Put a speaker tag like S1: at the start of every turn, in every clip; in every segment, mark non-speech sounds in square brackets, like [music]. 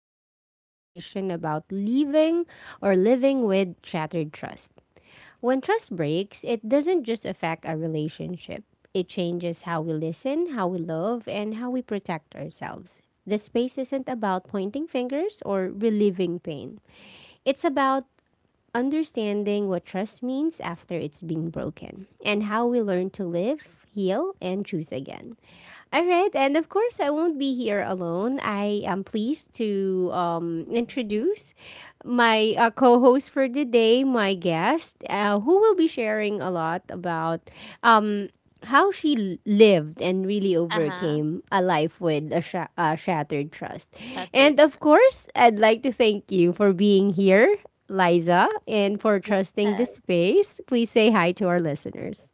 S1: honest conversation about leaving or living with shattered trust. When trust breaks, it doesn't just affect our relationship, it changes how we listen, how we love, and how we protect ourselves. The space isn't about pointing fingers or relieving pain. It's about understanding what trust means after it's been broken, and how we learn to live, heal, and choose again. All right, and of course, I won't be here alone. I am pleased to
S2: Mhm.
S1: introduce my co host for the day, my guest, who will be sharing a lot about um, how lived and really
S2: Uh-huh.
S1: overcame a life with a shattered trust.
S2: Shattered.
S1: And of course, I'd like to thank you for being here, Liza, and for
S2: Yes.
S1: trusting this space. Please say hi to our listeners.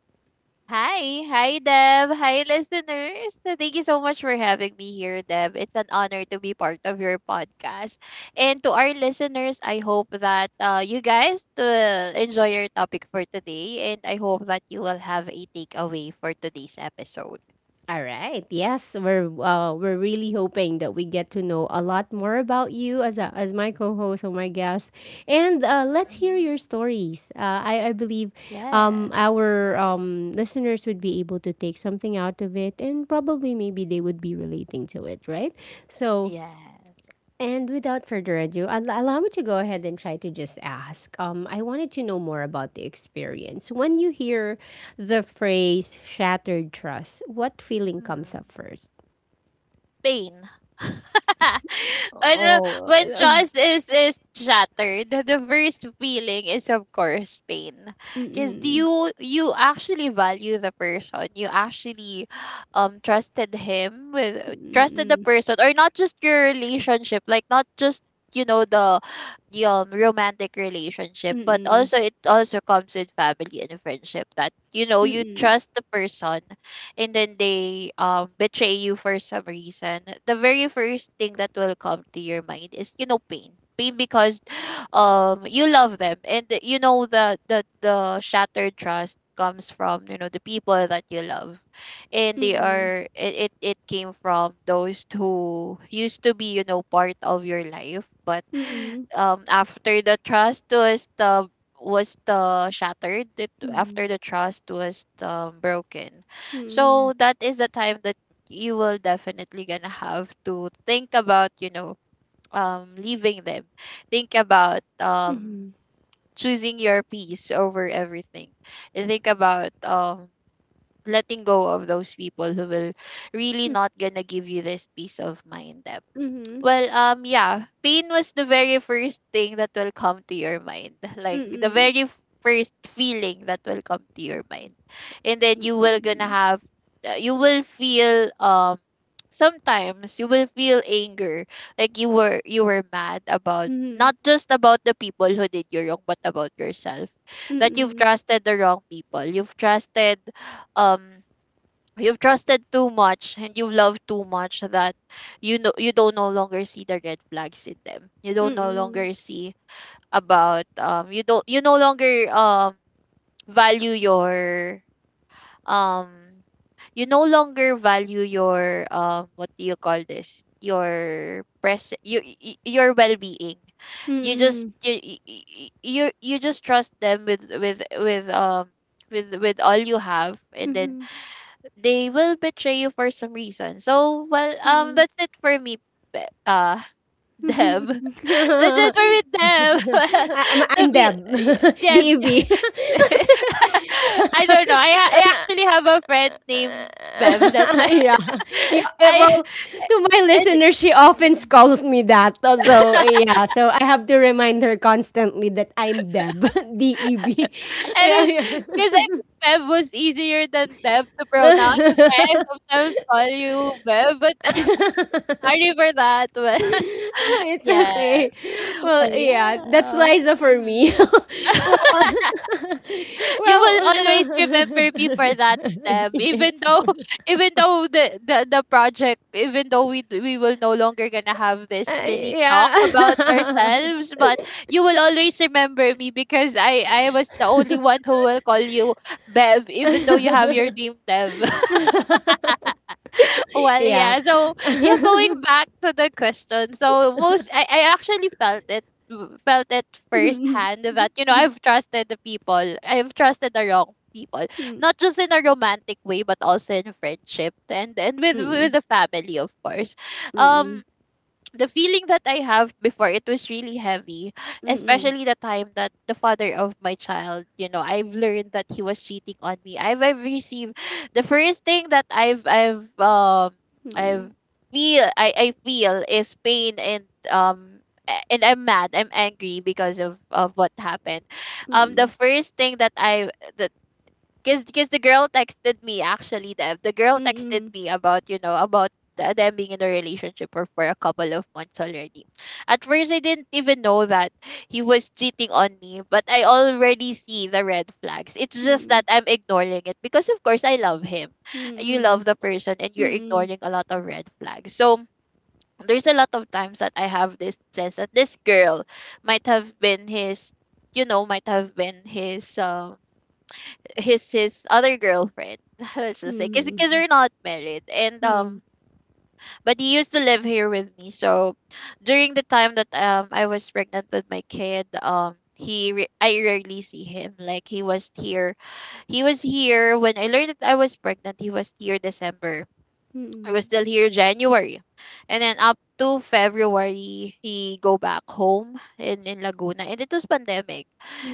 S2: Hi. Hi, Deb. Hi, listeners. So thank you so much for having me here, Deb. It's an honor to be part of your podcast. And to our listeners, I hope that you guys will enjoy your topic for today. And I hope that you will have a takeaway for today's episode.
S1: All right. Yes, we're really hoping that we get to know a lot more about you as as my co-host or my guest, and let's hear
S2: Mhm.
S1: your stories. I believe
S2: Yes.
S1: our listeners would be able to take something out of it, and probably maybe they would be relating to it, right? So,
S2: Yes.
S1: and without further ado, allow me to go ahead and try to just ask. I wanted to know more about the experience. When you hear the phrase shattered trust, what feeling comes
S2: Mm.
S1: up first?
S2: Pain. [laughs] Ano,
S1: Oh,
S2: when trust is shattered, the first feeling is of course pain. Because
S1: mm-mm,
S2: you actually value the person. You actually trusted him with trusted the person, or not just your relationship, like not just you know the romantic relationship, but also it also comes with family and friendship, that you know you trust the person and then they betray you for some reason. The very first thing that will come to your mind is, you know, pain. Pain because [gasps] [sighs] you love them, and you know the shattered trust comes from, you know, the people that you love, and they
S1: mm-mm,
S2: are it it came from those who used to be, you know, part of your life. But
S1: mm-mm, mm-mm,
S2: [sighs] after the trust was the shattered
S1: mm-mm,
S2: after the trust was broken,
S1: mm-mm,
S2: so that is the time that you will definitely gonna have to think about, you know, leaving them. Think about choosing your peace over everything. And think about letting go of those people who will really not gonna give you this peace of mind.
S1: mm-mm, mm-mm,
S2: Well, yeah, pain was the very first thing that will come to your mind. Like the
S1: mm-mm,
S2: very first feeling that will come to your mind. And then you will gonna have, you will feel sometimes you will feel anger, like you were mad about not just about the people who did you wrong, but about yourself. That you've
S1: mm-mm,
S2: trusted the wrong people. Um you've trusted too much, and you love too much, that you know you don't no longer see the red flags in them, you don't
S1: mm-mm,
S2: no
S1: mm-mm,
S2: longer see about you don't you no longer value your um you no longer value your what do you call this, your present your well-being. You just
S1: mm-mm,
S2: you just trust them with with all you have, and then
S1: mm-mm.
S2: they will betray you for some reason. So well, that's it for me, Be- uh, [laughs] Deb. [laughs] That's it
S1: [laughs]
S2: for me, Deb. [laughs] Well,
S1: I, I'm,
S2: to
S1: I'm
S2: be
S1: Deb, [laughs] D
S2: yes,
S1: E B. [laughs]
S2: [laughs] I don't know. I actually have a friend named Bev. That's
S1: [laughs]
S2: why
S1: Yeah, yeah.
S2: [laughs] I
S1: Well, to my
S2: and
S1: listeners, she often
S2: mhm.
S1: calls me that. So, yeah, so I have to remind her constantly that I'm Deb, [laughs] Deb. [laughs]
S2: And it
S1: Yeah,
S2: because I think Bev was easier than Deb to pronounce. That's why I sometimes call you Bev. But [laughs]
S1: yeah. [laughs]
S2: sorry for that. Well,
S1: It's
S2: yes.
S1: okay.
S2: [laughs]
S1: Well,
S2: Well,
S1: yeah, that's
S2: yeah.
S1: Liza for me.
S2: Mhm. You
S1: Well,
S2: will always remember me for that, Deb. Even
S1: yes,
S2: though, [laughs] even though the project, even though we will no longer gonna have this mini talk
S1: yeah,
S2: about ourselves, but you will always remember me because I was the only one who will call you Bev, even though you have your name Dev. Well,
S1: yeah.
S2: yeah. So, yeah, going back to the question. So, most I actually felt it felt it firsthand, that you know I've trusted the people. I've trusted the wrong people, not just in a romantic way, but also in friendship and with the family, of course. Um, the feeling that I have before it was really heavy, especially the time that the father of my child, you know, I've learned that he was cheating on me. I've received the first thing that I've feel I feel is pain. And um and I'm mad, I'm angry because of what happened. The first thing that the, cause, cause the girl texted me actually. The girl texted me about, you know, about them being in a relationship for a couple of months already. At first, I didn't even know that he was cheating on me, but I already see the red flags. It's just that I'm ignoring it because of course I love him. You love the person, and you're ignoring a lot of red flags. So. There's a lot of times that I have this sense that this girl might have been his, you know, might have been his other girlfriend. [laughs] Let's just say, cause, cause we're not married, and but he used to live here with me. So during the time that I was pregnant with my kid, I rarely see him. Like he was here when I learned that I was pregnant. He was here December, I was still here January. And then up to February, he go back home in Laguna. And it was pandemic.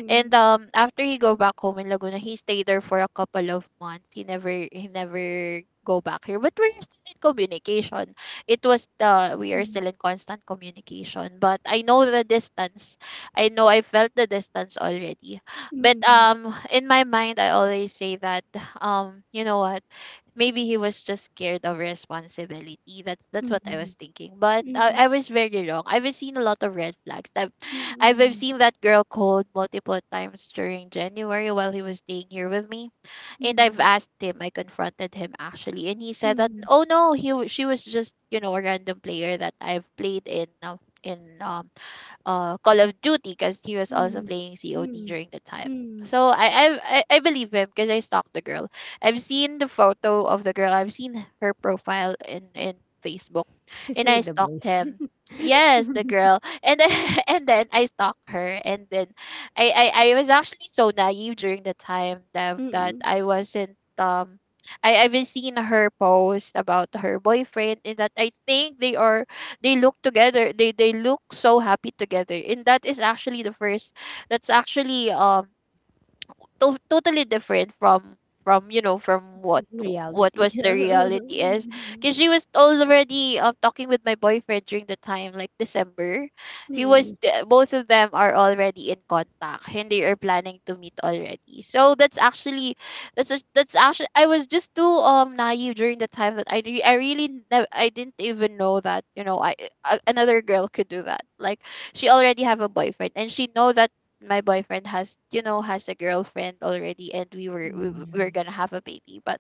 S2: And after he go back home in Laguna, he stayed there for a couple of months. He never go back here. But we're still in communication. It was the we are still in constant communication. But I know the distance. I know I felt the distance already. But in my mind I always say that you know what, maybe he was just scared of responsibility. That's what I was thinking. But I was very wrong. I've seen a lot of red flags. I've
S1: Mm,
S2: seen that girl cold multiple times during January while he was staying here with me. And I've
S1: mm,
S2: asked him. I confronted him actually, and he said that
S1: mm,
S2: oh no, she was just, you know, a random player that I've played in. In Call of Duty because he was also
S1: mm,
S2: playing COD
S1: mm,
S2: during the time.
S1: mm.
S2: So I believe him because I stalked the girl. I've seen the photo of the girl. I've seen her profile in Facebook,
S1: She's
S2: and
S1: with
S2: I
S1: the
S2: stalked
S1: boyfriend.
S2: him.
S1: [laughs]
S2: Yes, the girl, and then [laughs] and then I stalked her, and then I was actually so naive during the time that that
S1: Mm,
S2: I wasn't I I've seen her post about her boyfriend, and that I think they are they look together, they look so happy together. And that is actually the first, that's actually totally different from, you know, from what
S1: reality.
S2: was the
S1: [laughs]
S2: reality is, because she was already talking with my boyfriend during the time, like December, he was
S1: Mm,
S2: both of them are already in contact, and they are planning to meet already. So that's actually, that's actually I was just too naive during the time, that I re- I really nev- I didn't even know that, you know, another girl could do that, like she already have a boyfriend, and she know that my boyfriend has, you know, has a girlfriend already, and we were we were gonna have a baby, but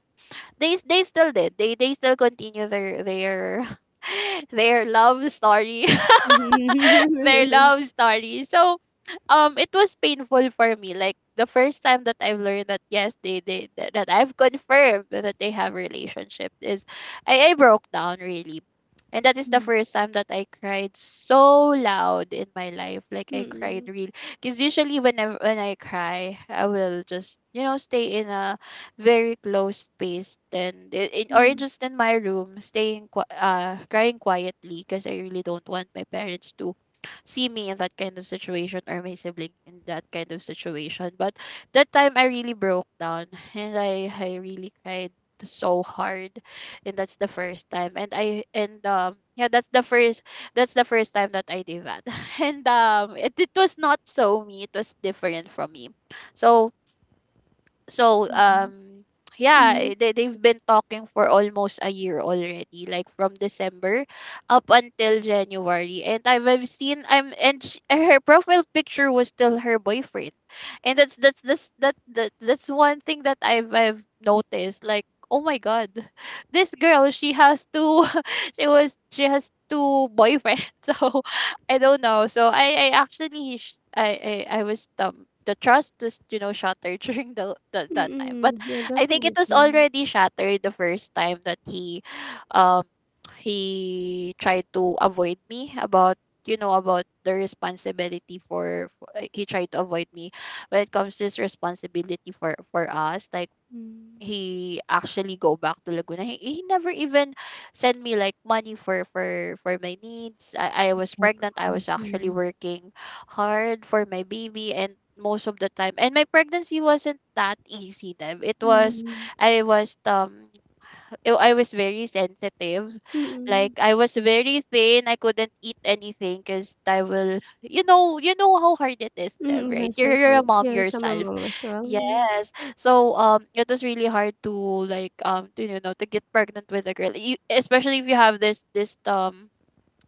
S2: they still did, they still continue their [laughs] their love story [laughs]
S1: mm,
S2: [laughs] their
S1: mm.
S2: love story. So, it was painful for me. Like the first time that I've learned that yes, they that that I've confirmed that they have relationship is, I broke down really. And that is the first time that I cried so loud in my life. Like
S1: [laughs]
S2: I
S1: Mm,
S2: cried really, because usually whenever when I cry, I will just, you know, stay in a very close space, in, or
S1: mm,
S2: just in my room staying crying quietly, because I really don't want my parents to see me in that kind of situation, or my sibling in that kind of situation. But that time I really broke down [laughs] and I really cried so hard. And that's the first time, and I and yeah, that's the first time that I did that. [laughs] And it was not so me, it was different from me. So so yeah,
S1: mm,
S2: eh, they've been talking for almost a year already, like from December up until January. And I've seen I'm and sh her profile picture was still her boyfriend. And that's one thing that I've noticed, like oh my god, [laughs] this girl she has two, [laughs] she has two boyfriends. [laughs] So I don't know. So I actually I was the trust was, you know, shattered [laughs] during the that time. But
S1: mm. Yeah,
S2: I think it was
S1: definitely.
S2: already shattered the first time that um he tried to avoid me about, you know, about the responsibility for, he tried to avoid me when it comes to his responsibility for us, like
S1: Mm.
S2: he actually go back to Laguna. He never even sent me like money for my needs. I was
S1: Check
S2: pregnant. I
S1: up.
S2: was actually
S1: Mm,
S2: working hard for my baby and most of the time. And my pregnancy wasn't that easy, Dev. It was
S1: mm,
S2: I was um oh, I was very sensitive.
S1: mm,
S2: Like I was very thin. I couldn't eat anything because I will. You know how hard it is, Deb,
S1: mm.
S2: right?
S1: Yes,
S2: You're,
S1: of
S2: you're a
S1: course.
S2: mom
S1: Yeah, some
S2: yourself.
S1: mom as well. Mm.
S2: Yes. So it was really hard to to, you know, to get pregnant with a girl, you, especially if you have this,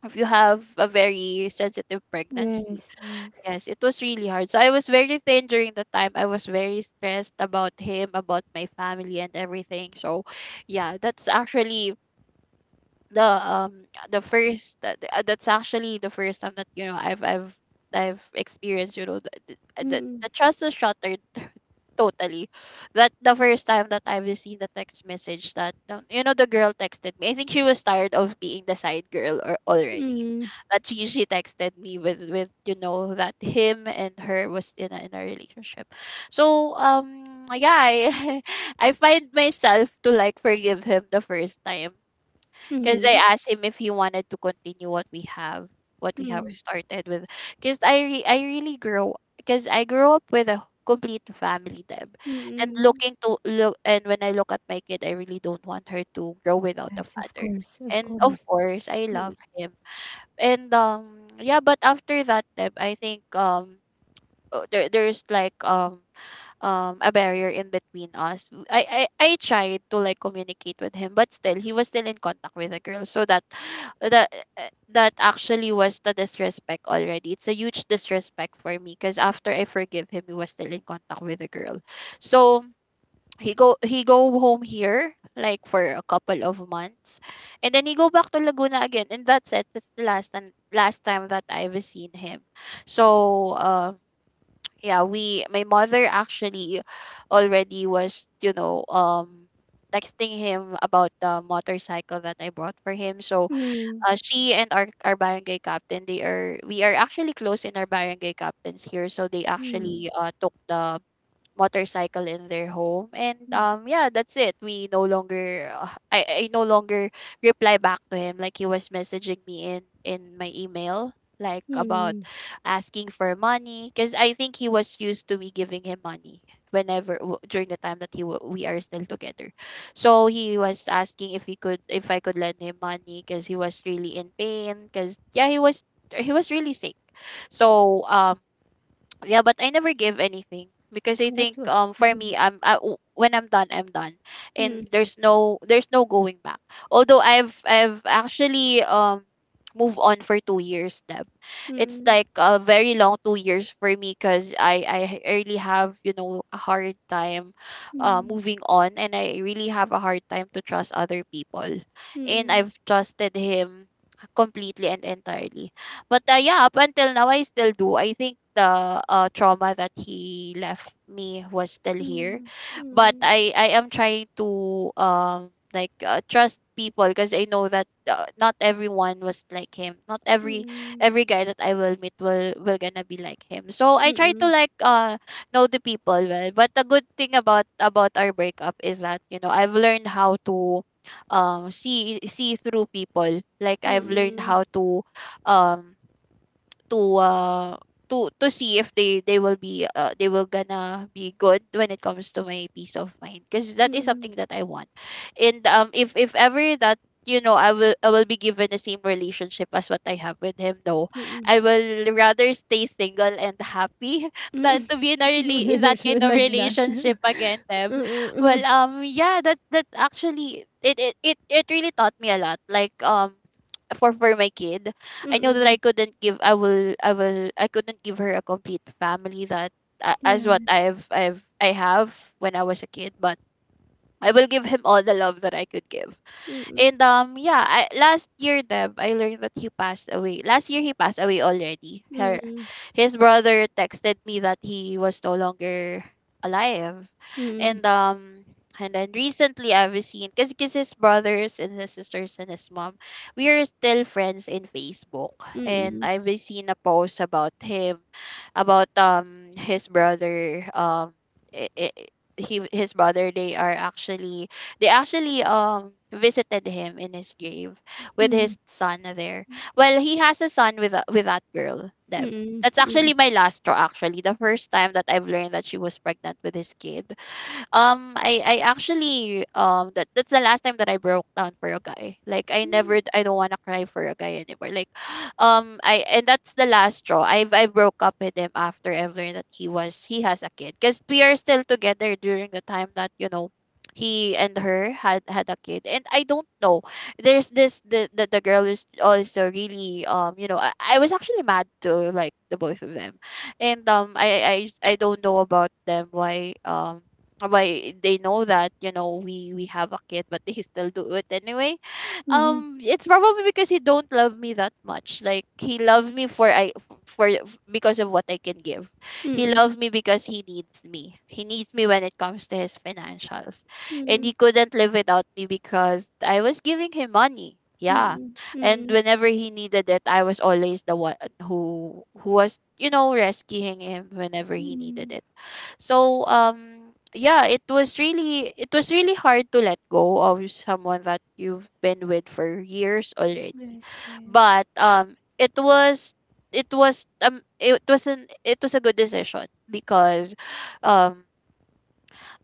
S2: if you have a very sensitive pregnancy.
S1: Yes, yes.
S2: Yes, it was really hard. So I was very thin during the time. I was very stressed about him, about my family and everything. So yeah, that's actually that's actually the first time that you know I've experienced you know the the, the
S1: Mm,
S2: the trust was shattered totally. That the first time that I received the text message that you know the girl texted me. I think she was tired of being the side girl or already.
S1: mm,
S2: But she texted me with you know that him and her was in a relationship. So yeah, I [laughs] I find myself to like forgive him the first time. Because I
S1: mm,
S2: asked him if he wanted to continue what we have
S1: mm,
S2: started with. Because I really grow, because I grew up with a complete family, Deb, and
S1: mm.
S2: looking to look, and when I look at my kid, I really don't want her to grow without a
S1: Yes, of
S2: father.
S1: course, of
S2: And of
S1: course.
S2: course, I love
S1: Mm.
S2: him. And yeah, but after that, Deb, I think there there's like a barrier in between us. I tried to like communicate with him, but still he was still in contact with the girl. So that [sighs] that that actually was the disrespect already. It's a huge disrespect for me because after I forgive him, he was still in contact with the girl. So he go home here like for a couple of months, and then he go back to Laguna again, and that's it. That's the last and last time that I've seen him. So yeah, we my mother actually already was you know texting him about the motorcycle that I bought for him. So
S1: Mm,
S2: she and our barangay captain, they are we are actually close in our barangay captains here, so they
S1: mm,
S2: actually took the motorcycle in their home. And
S1: mm,
S2: yeah, that's it. We no longer I no longer reply back to him. Like he was messaging me in my email, like about
S1: mm.
S2: asking for money, because I think he was used to me giving him money whenever during the time that we are still together. So he was asking if he could, if I could lend him money, because he was really in pain, because yeah, he was really sick. So yeah, but I never give anything, because I think
S1: That's good.
S2: for me,
S1: Mhm.
S2: when I'm done, I'm done. And there's no going back. Although i've actually moved on for 2 years, Deb. It's
S1: Mm,
S2: like a very long 2 years for me, because i really have you know a hard time
S1: mm,
S2: moving on, and I really have a hard time to trust other people. And I've
S1: mm,
S2: trusted him completely and entirely. But yeah, up until now, I still do. I think the trauma that he left me was still here,
S1: mm, mm,
S2: but
S1: mm,
S2: I am trying to trust people, because I know that not everyone was like him. Not every
S1: mm,
S2: Every guy that I will meet will gonna be like him. So I try to
S1: mm,
S2: know the people well. But the good thing about our breakup is that you know I've learned how to see through people. Like I've learned how to um to uh to see if they will be they will gonna be good when it comes to my peace of mind, because that
S1: mm,
S2: is something
S1: mm,
S2: that I want. And if ever that you know I will be given the same relationship as what I have with him, no,
S1: mm,
S2: I will rather stay single and happy [laughs] than
S1: mm.
S2: to be in a really in that
S1: [laughs] She
S2: kind
S1: would
S2: of
S1: like that.
S2: relationship
S1: [laughs]
S2: again, Deb.
S1: Mm,
S2: Well,
S1: mm,
S2: yeah, that that actually it it it, it really taught me a lot, like for my kid. I know
S1: mm,
S2: that I
S1: mm.
S2: couldn't give I will I will I couldn't give her a complete family that as what
S1: Yes.
S2: I have when I was a kid, but I will give him all the love that I could give.
S1: Mm,
S2: And yeah, I, last year, Deb, I learned that he passed away. Last year he passed away already.
S1: mm,
S2: His brother texted me that he was no longer alive.
S1: mm, mm, mm,
S2: And
S1: mm,
S2: um and then recently I've seen, because his brothers and his sisters and his mom, we are still friends in Facebook.
S1: mm, mm,
S2: And
S1: mm,
S2: I've seen a post about him, about his brother, I- he his brother, they actually visited him in his grave with his son there. Well, he has a son with a, with that girl, Deb. That's actually my last straw. Actually, the first time that I've learned that she was pregnant with his kid, I actually that that's the last time that I broke down for a guy. Like I never, I don't wanna cry for a guy anymore. Like [gasps] [sighs] I and that's the last straw. I broke up with him after I've learned that he has a kid. Because we are still together during the time that, you know, he and her had a kid. And I don't know. The the girl is also really you know, I was actually mad to like the both of them. And I don't know about them, why they know that you know we have a kid but they still do it anyway. It's probably because he don't love me that much. Like he loved me for I for because of what I can give. He loved me because he needs me, he needs me when it comes to his financials, and he couldn't live without me because I was giving him money.
S1: mm,
S2: Yeah,
S1: mm,
S2: and
S1: mm,
S2: whenever he needed it, I was always the one who was you know rescuing him whenever he needed
S1: mm.
S2: it. So yeah, it was really, it was really hard to let go of someone that you've been with for years already.
S1: Yes, yes.
S2: But it was, it was an, it was a good decision, um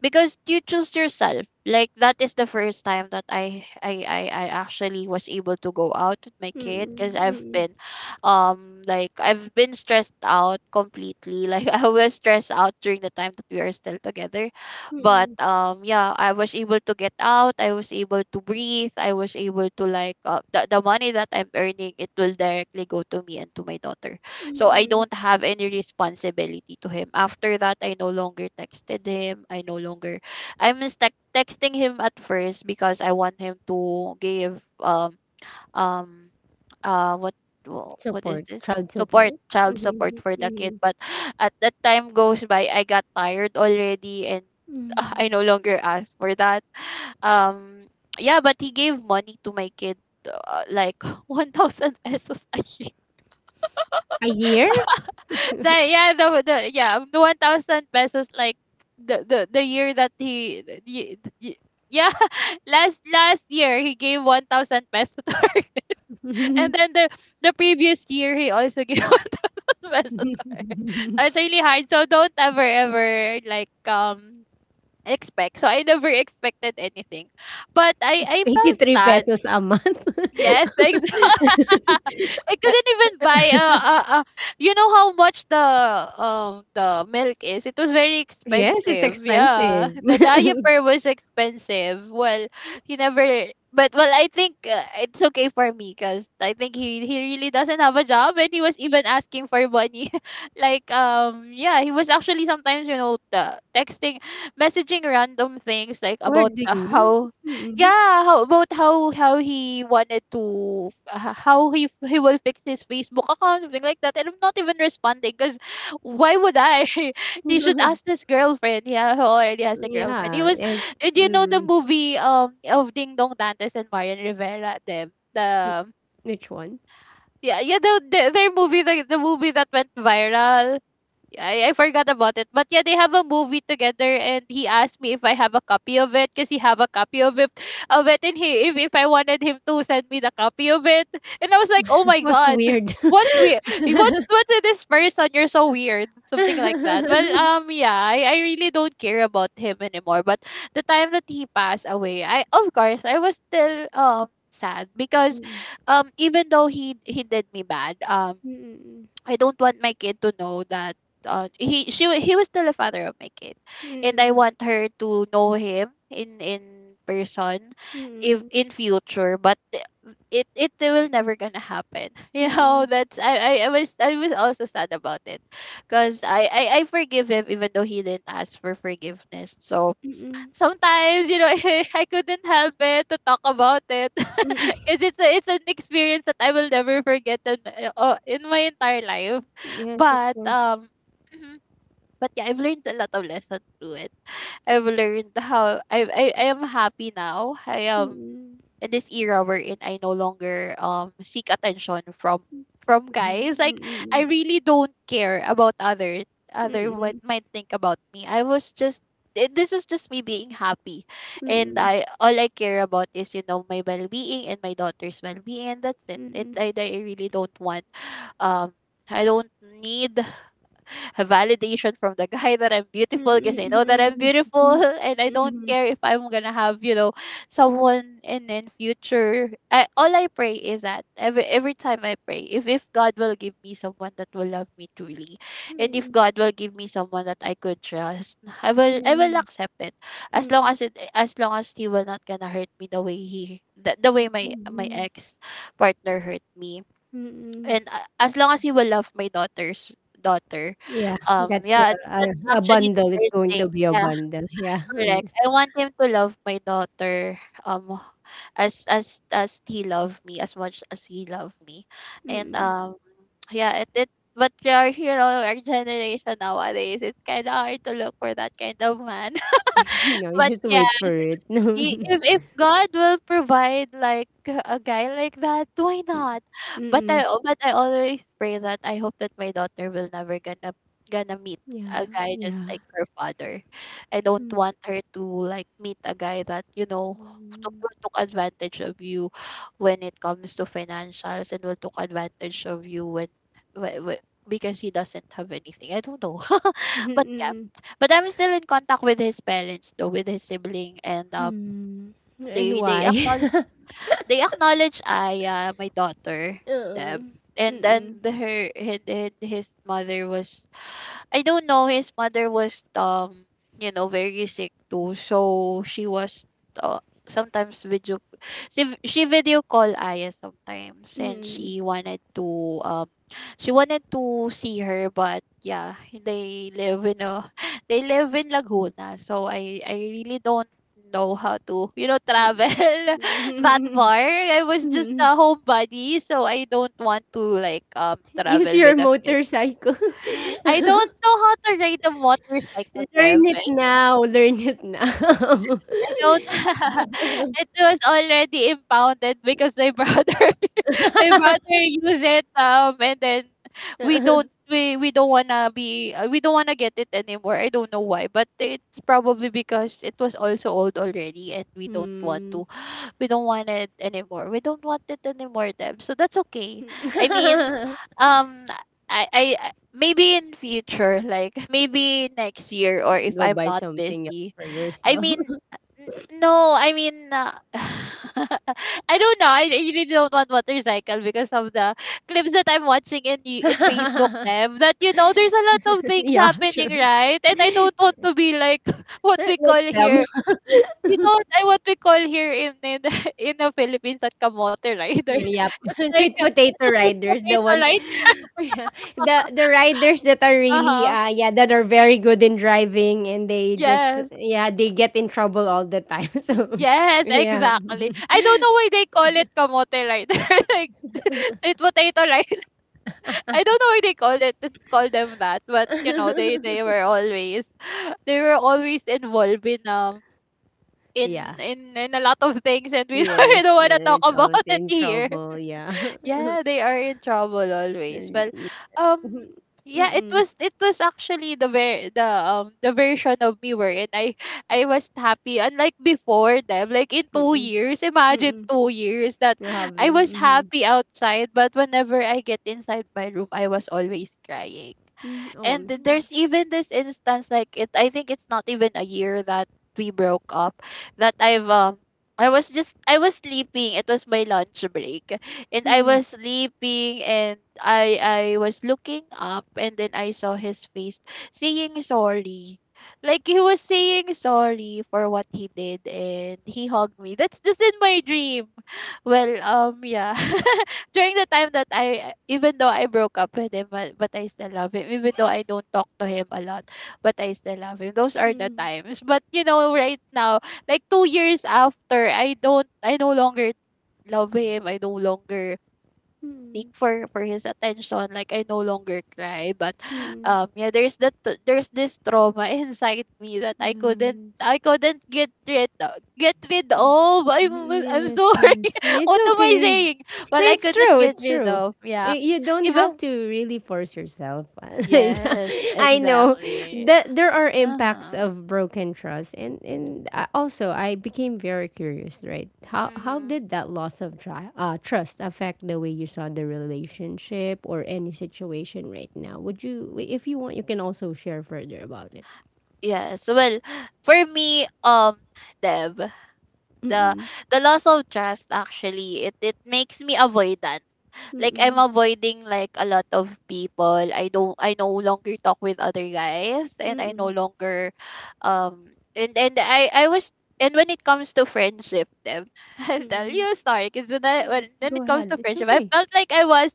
S2: because you choose yourself. Like that is the first time that I actually was able to go out with my kid, because I've
S1: Mm,
S2: been I've been stressed out completely. [laughs] Like I was stressed out during the time that we are still together.
S1: mm,
S2: But
S1: mm.
S2: yeah, I was able to get out, I was able to breathe, I was able to like the money that I'm earning, it will directly go to me and to my daughter. So I
S1: Mm.
S2: don't have any responsibility to him. After that, I no longer texted him. I no longer, I'm just texting him at first because I want him to give um uh what what is
S1: Support,
S2: this?
S1: child
S2: Support,
S1: support.
S2: child support
S1: Mhm,
S2: for the kid.
S1: mhm.
S2: But [sighs] at that time goes by, I got tired already and [laughs] I
S1: Hmm.
S2: no longer asked for that. um yeah, but he gave money to my kid, like [laughs] 1000 pesos a year.
S1: A year? [laughs]
S2: That yeah, the yeah, the 1,000 pesos. Like the year that he the- y- y- yeah, [laughs] last year he gave 1,000 pesos to her, [laughs] and then the previous year he also gave [laughs] 1,000 pesos to her. So it's really hard. So don't ever like expect. So I never expected anything, but I felt
S1: 83
S2: sad.
S1: pesos a month? [laughs]
S2: Yes, [laughs] exactly. [laughs] I couldn't even buy you know how much the milk is. It was very
S1: Yes, it's
S2: expensive. Yeah.
S1: expensive. [laughs]
S2: The diaper was expensive. Well, he never, but well, I think it's okay for me, cuz I think he really doesn't have a job and he was even asking for money. [laughs] He was actually sometimes, you know, the texting, messaging random things like about
S1: Hoarding.
S2: how,
S1: Mm.
S2: yeah, how about how he wanted to he will fix his Facebook account, something like that. And I'm not even responding because why would I? [laughs] He should
S1: [laughs]
S2: ask his girlfriend. Yeah, who already has a girlfriend. He
S1: Yeah,
S2: was,
S1: and
S2: and you know the
S1: mm.
S2: movie of Ding Dong Dantes and Marian Rivera, them the,
S1: Which one?
S2: yeah, the their movie, the movie that went viral. I forgot about it. But yeah, they have a movie together, and he asked me if I have a copy of it because he have a copy of it, and he, if I wanted him to send me the copy of it. And I was like, oh
S1: [laughs]
S2: my
S1: What's
S2: god,
S1: weird?
S2: what's weird, what,
S1: [laughs]
S2: what's with this person? You're so weird. Something like that. Well, yeah, I really don't care about him anymore. But the time that he passed away, I, of course, I was still sad, because even though he did me bad,
S1: Mm, mm,
S2: I don't want my kid to know that, he was still a father of my kid, and I
S1: mm,
S2: want her to know him in person, if in future. But it it will never gonna happen. [laughs]
S1: mm,
S2: You know,
S1: mm,
S2: that's, I was, I was also sad about it, cause I forgive him even though he didn't ask for forgiveness. So
S1: mm,
S2: sometimes, [laughs] I couldn't help it to talk about it, [laughs] cause
S1: mm.
S2: it's a, it's an experience that I will never forget in my entire life.
S1: Yes, of
S2: But
S1: course.
S2: mhm. But yeah, I've learned a lot of lessons through it. I've learned how I am happy now. I
S1: Mm,
S2: am
S1: mm,
S2: in this era wherein I no longer seek attention from guys.
S1: mm,
S2: Like,
S1: mm,
S2: I
S1: mm,
S2: really don't care about other, other what
S1: mm,
S2: might think about me. I was just this was just me being happy,
S1: mm.
S2: and
S1: Mm,
S2: I all I care about is, you know, my well-being and my daughter's well-being, and that's it it
S1: mm,
S2: i, I really don't want, um I don't need a validation from the guy that I'm
S1: Mm,
S2: beautiful because I
S1: mm,
S2: know that I'm
S1: mm,
S2: beautiful,
S1: mm,
S2: [laughs] and I don't
S1: mm,
S2: care if I'm gonna have, you know, someone in future. All I pray is that every time I pray, if God will give me someone that will love me truly, and if God will give me someone that I could trust, I will
S1: mm,
S2: accept it, as long
S1: mm,
S2: as he will not gonna hurt me the way he, the way my my ex partner hurt me.
S1: mm, mm.
S2: And as long as he will love my daughter.
S1: Yeah,
S2: Um,
S1: that's a,
S2: yeah,
S1: a,
S2: that's
S1: a
S2: actually the
S1: bundle. It's
S2: first
S1: going
S2: thing.
S1: to be a
S2: Yeah.
S1: bundle. Yeah.
S2: [laughs]
S1: [laughs]
S2: Correct, I want him to love my daughter, um, as he loved me, as much as he loved me.
S1: Mm,
S2: And
S1: mm.
S2: um, yeah, it, but our hero, our generation nowadays, it's kind of hard to look for that kind of man.
S1: [laughs] No,
S2: [laughs]
S1: you
S2: But
S1: just
S2: yeah,
S1: wait for it. [laughs]
S2: he,
S1: Mm-mm.
S2: if God will provide like a guy like that, why not? But I always pray that I hope that my daughter will never gonna meet
S1: Yeah,
S2: a guy just
S1: yeah.
S2: like her father. I don't
S1: Mm,
S2: want her to like meet a guy that, you know, took, will took advantage of you when it comes to financials, and will took advantage of you when, because he doesn't have anything. I don't know. [laughs]
S1: mm,
S2: But yeah,
S1: mm,
S2: but I'm still in contact with his parents though, with his sibling, and.
S1: mm. And
S2: They
S1: why?
S2: acknowledge,
S1: [laughs]
S2: they acknowledge Aya, my daughter,
S1: Uh,
S2: them. And
S1: mm,
S2: then and his mother was, I don't know. His mother was you know very sick too, so she was, uh, sometimes video she v- she video call Aya sometimes, and she wanted to um, she wanted to see her, but yeah, they live in a [laughs] they live in Laguna, so I really don't know how to, you know, travel [laughs] that far.
S1: mm.
S2: I was just a
S1: [laughs]
S2: homebody, so I don't want to like
S1: Use
S2: travel
S1: your
S2: with a kid.
S1: motorcycle. [laughs]
S2: I don't know how to ride a motorcycle, Dev.
S1: Learn it now. Learn it now.
S2: I don't.
S1: [laughs]
S2: [laughs] It was already impounded because my brother, [laughs] my brother
S1: [laughs]
S2: used it. And then we don't wanna be, we don't wanna get it anymore. I don't know why, but it's probably because it was also old already, and we don't want
S1: Hmm.
S2: to, [gasps] [sighs] we don't want it anymore. We don't want it anymore, Deb. So that's okay. I mean,
S1: [laughs]
S2: um, Maybe in future, like [laughs] maybe next year, or if
S1: Go
S2: I'm
S1: buy
S2: not
S1: something else
S2: busy,
S1: for
S2: I
S1: yourself.
S2: mean, N- no, I mean, [laughs] I don't know. I really don't want motorcycle because of the clips that I'm watching in in Facebook.
S1: [laughs]
S2: Them that, you know, there's a lot of things
S1: Yeah,
S2: happening,
S1: true.
S2: right? And I don't want to be like [laughs] what we
S1: [laughs] Like
S2: call
S1: them.
S2: here.
S1: [laughs]
S2: You know, what I, what we call here in [laughs] in the Philippines, that kamote rider.
S1: Yep.
S2: [laughs] It's
S1: [laughs]
S2: like
S1: Sweet
S2: it's a
S1: potato
S2: sweet
S1: riders, the
S2: potato,
S1: ones
S2: right?
S1: [laughs] yeah, the riders that are
S2: Uh
S1: really
S2: huh.
S1: yeah, that are very good in driving and they just
S2: Yes.
S1: yeah, they get in trouble all the time. [laughs] So
S2: Yes,
S1: yeah.
S2: exactly. I don't know why they call it kamote rider, [laughs] like [laughs] sweet potato rider. I don't know why they called it, call them that, but you know, they were always [laughs] they were always involved in um, in
S1: Yeah.
S2: in a lot of things, and we, [laughs] don't, we
S1: Yes,
S2: don't want to
S1: yeah,
S2: talk
S1: it's always
S2: about it
S1: in
S2: here.
S1: trouble, yeah. [laughs]
S2: Yeah, they are in trouble always. Well,
S1: Mm-mm.
S2: um, yeah,
S1: Mm-mm.
S2: it was actually the version of me wherein I was happy. Unlike before them, like in two
S1: Mm-mm.
S2: years, imagine 2 years that
S1: Ja,
S2: I was
S1: mhm.
S2: happy outside, but whenever I get inside my room, I was always crying.
S1: Mhm. Oh.
S2: And there's even this instance like, it, I think it's not even a year that we broke up, that I've um, I was sleeping. It was my lunch break, and I
S1: Mhm.
S2: was sleeping, and I was looking up, and then I saw his face saying sorry. Like he was saying sorry for what he did, and he hugged me. That's just in my dream. Well, um, yeah. [laughs] During the time that I, even though I broke up with him, but I still love him. Even though I don't talk to him a lot, but I still love him. Those are the
S1: Mhm.
S2: times. But you know, right now, like 2 years after, I no longer love him. I no longer seek for his attention, like I no longer cry, but
S1: Mhm.
S2: um, yeah, there's that, there's this trauma [laughs] inside me that
S1: Mhm.
S2: I couldn't get rid, get rid of. I'm
S1: Yes,
S2: sorry.
S1: yes.
S2: [laughs]
S1: It's
S2: What am I
S1: okay.
S2: saying? Well,
S1: No,
S2: I
S1: it's
S2: couldn't
S1: true.
S2: get
S1: It's
S2: rid
S1: true.
S2: of. Yeah.
S1: You don't have
S2: Even,
S1: to really force yourself. [laughs]
S2: yes,
S1: I know
S2: exactly.
S1: that there are impacts
S2: Uh-huh.
S1: of broken trust, and also I became very curious. Right? How
S2: Mm.
S1: did that loss of trust affect the way you saw the relationship or any situation right now? Would you, if you want, you can also share further about it.
S2: Yes. Well, for me, Deb, the
S1: Mm,
S2: the loss of trust, actually, it makes me avoidant.
S1: mm,
S2: Like, I'm
S1: mm,
S2: avoiding like a lot of people. I no longer talk with other guys, and
S1: mm,
S2: I no
S1: mm,
S2: longer um, and I was, and when it comes to friendship, then, [laughs] I'll tell
S1: mm.
S2: you a story. Cause when, I, when
S1: Go
S2: it comes
S1: ahead.
S2: to
S1: It's
S2: friendship, I
S1: okay.
S2: felt like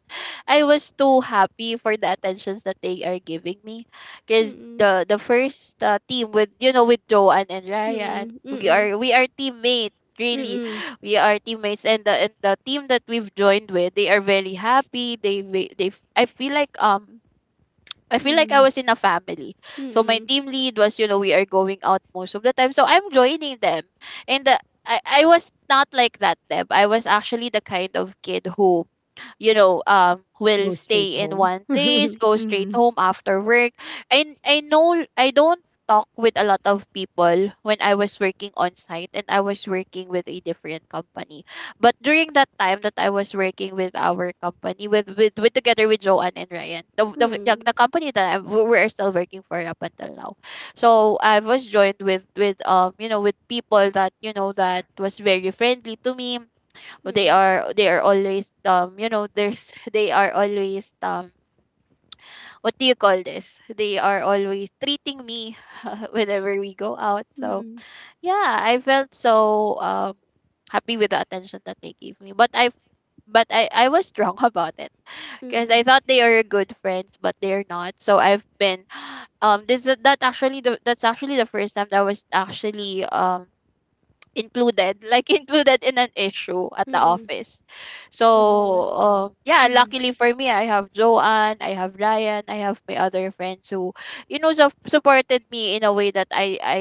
S2: I was too happy for the attentions that they are giving me. Cause the first team with, you know, with Joanne and Ryan,
S1: Mm, mm,
S2: we are teammates, really,
S1: mm,
S2: we are teammates, and the, and the team that we've joined with, they are very happy, they ve- they f- I feel like um, I feel like I was in a family. So my
S1: mm.
S2: team lead was, you know, we are going out most of the time, so I'm joining them. And the, I was not like that, Deb. I was actually the kind of kid who, you know, um, will
S1: Go straight
S2: stay in
S1: home?
S2: one place, go straight home after work. I don't talk with a lot of people when I was working on site, and I was working with a different company. But during that time that I was working with our company, with together with Joanne and Ryan, the company that I, we are still working for up until now. So I was joined with you know with people that, you know, that was very friendly to me. They are always um, you know, there's [laughs] they are always um, what do you call this? They are always treating me [laughs] whenever we go out. So
S1: Mm,
S2: yeah, I felt so happy with the attention that they gave me, but I was wrong [laughs] about it because
S1: mm,
S2: I thought they are good friends, but they're not. So I've been [sighs] this that actually the, that's actually the first time that I was actually included, like [laughs] included in an issue at the
S1: mm.
S2: office. So
S1: And what was
S2: yeah,
S1: mhm.
S2: luckily for me, I have Joanne, I have Ryan, I have my other friends who so supported me in a way that i i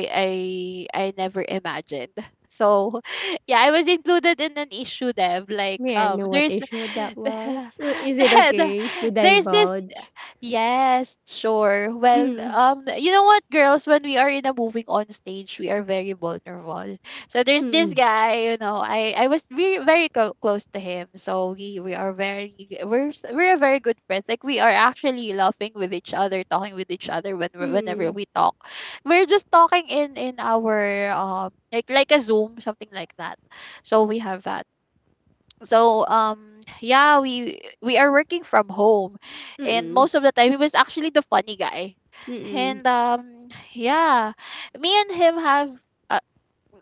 S2: i, I never imagined. [laughs] So [laughs] yeah, I was included in an issue, Dev, like
S1: May I know what
S2: there's
S1: issue that
S2: [laughs] the-
S1: was? Is it
S2: the-
S1: okay to
S2: there's this.
S1: divulge?
S2: Yes, sure. Well,
S1: Mm,
S2: you know what, girls, when we are in a moving on stage, we are very vulnerable. So there's this
S1: mm,
S2: guy, you know, I was very very close to him. So we are very we're very good friends. Like we are actually laughing with each other, talking with each other when whenever
S1: mm,
S2: we talk. We're just talking in our like a Zoom, something like that. So we have that. So yeah, we are working from home, and
S1: mm,
S2: most of the time he was actually the funny guy.
S1: mm.
S2: And yeah, me and him have uh,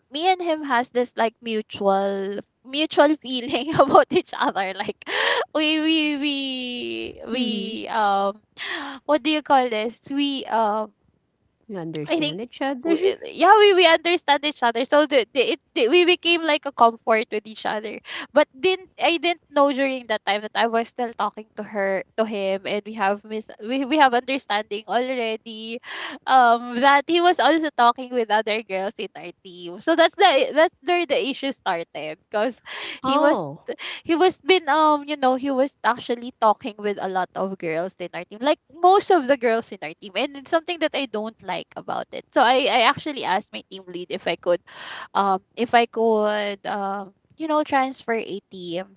S2: me and him has this like mutual feeling [laughs] about each other. Like [laughs] we [sighs] what do you call this, we
S1: You
S2: I
S1: understand
S2: think
S1: each other?
S2: w-
S1: [laughs]
S2: yeah, we understand each other. So we became like a comfort with each other. But didn't I didn't know during that time that I was still talking to her to him and we have we have understanding already. That he was also talking with other girls in our team. So that's where the issue started because he was
S1: Oh.
S2: he was been you know he was actually talking with a lot of girls in our team, like most of the girls in our team, and it's something that I don't like about it. So I actually asked my team lead if I could if I could you know transfer a team.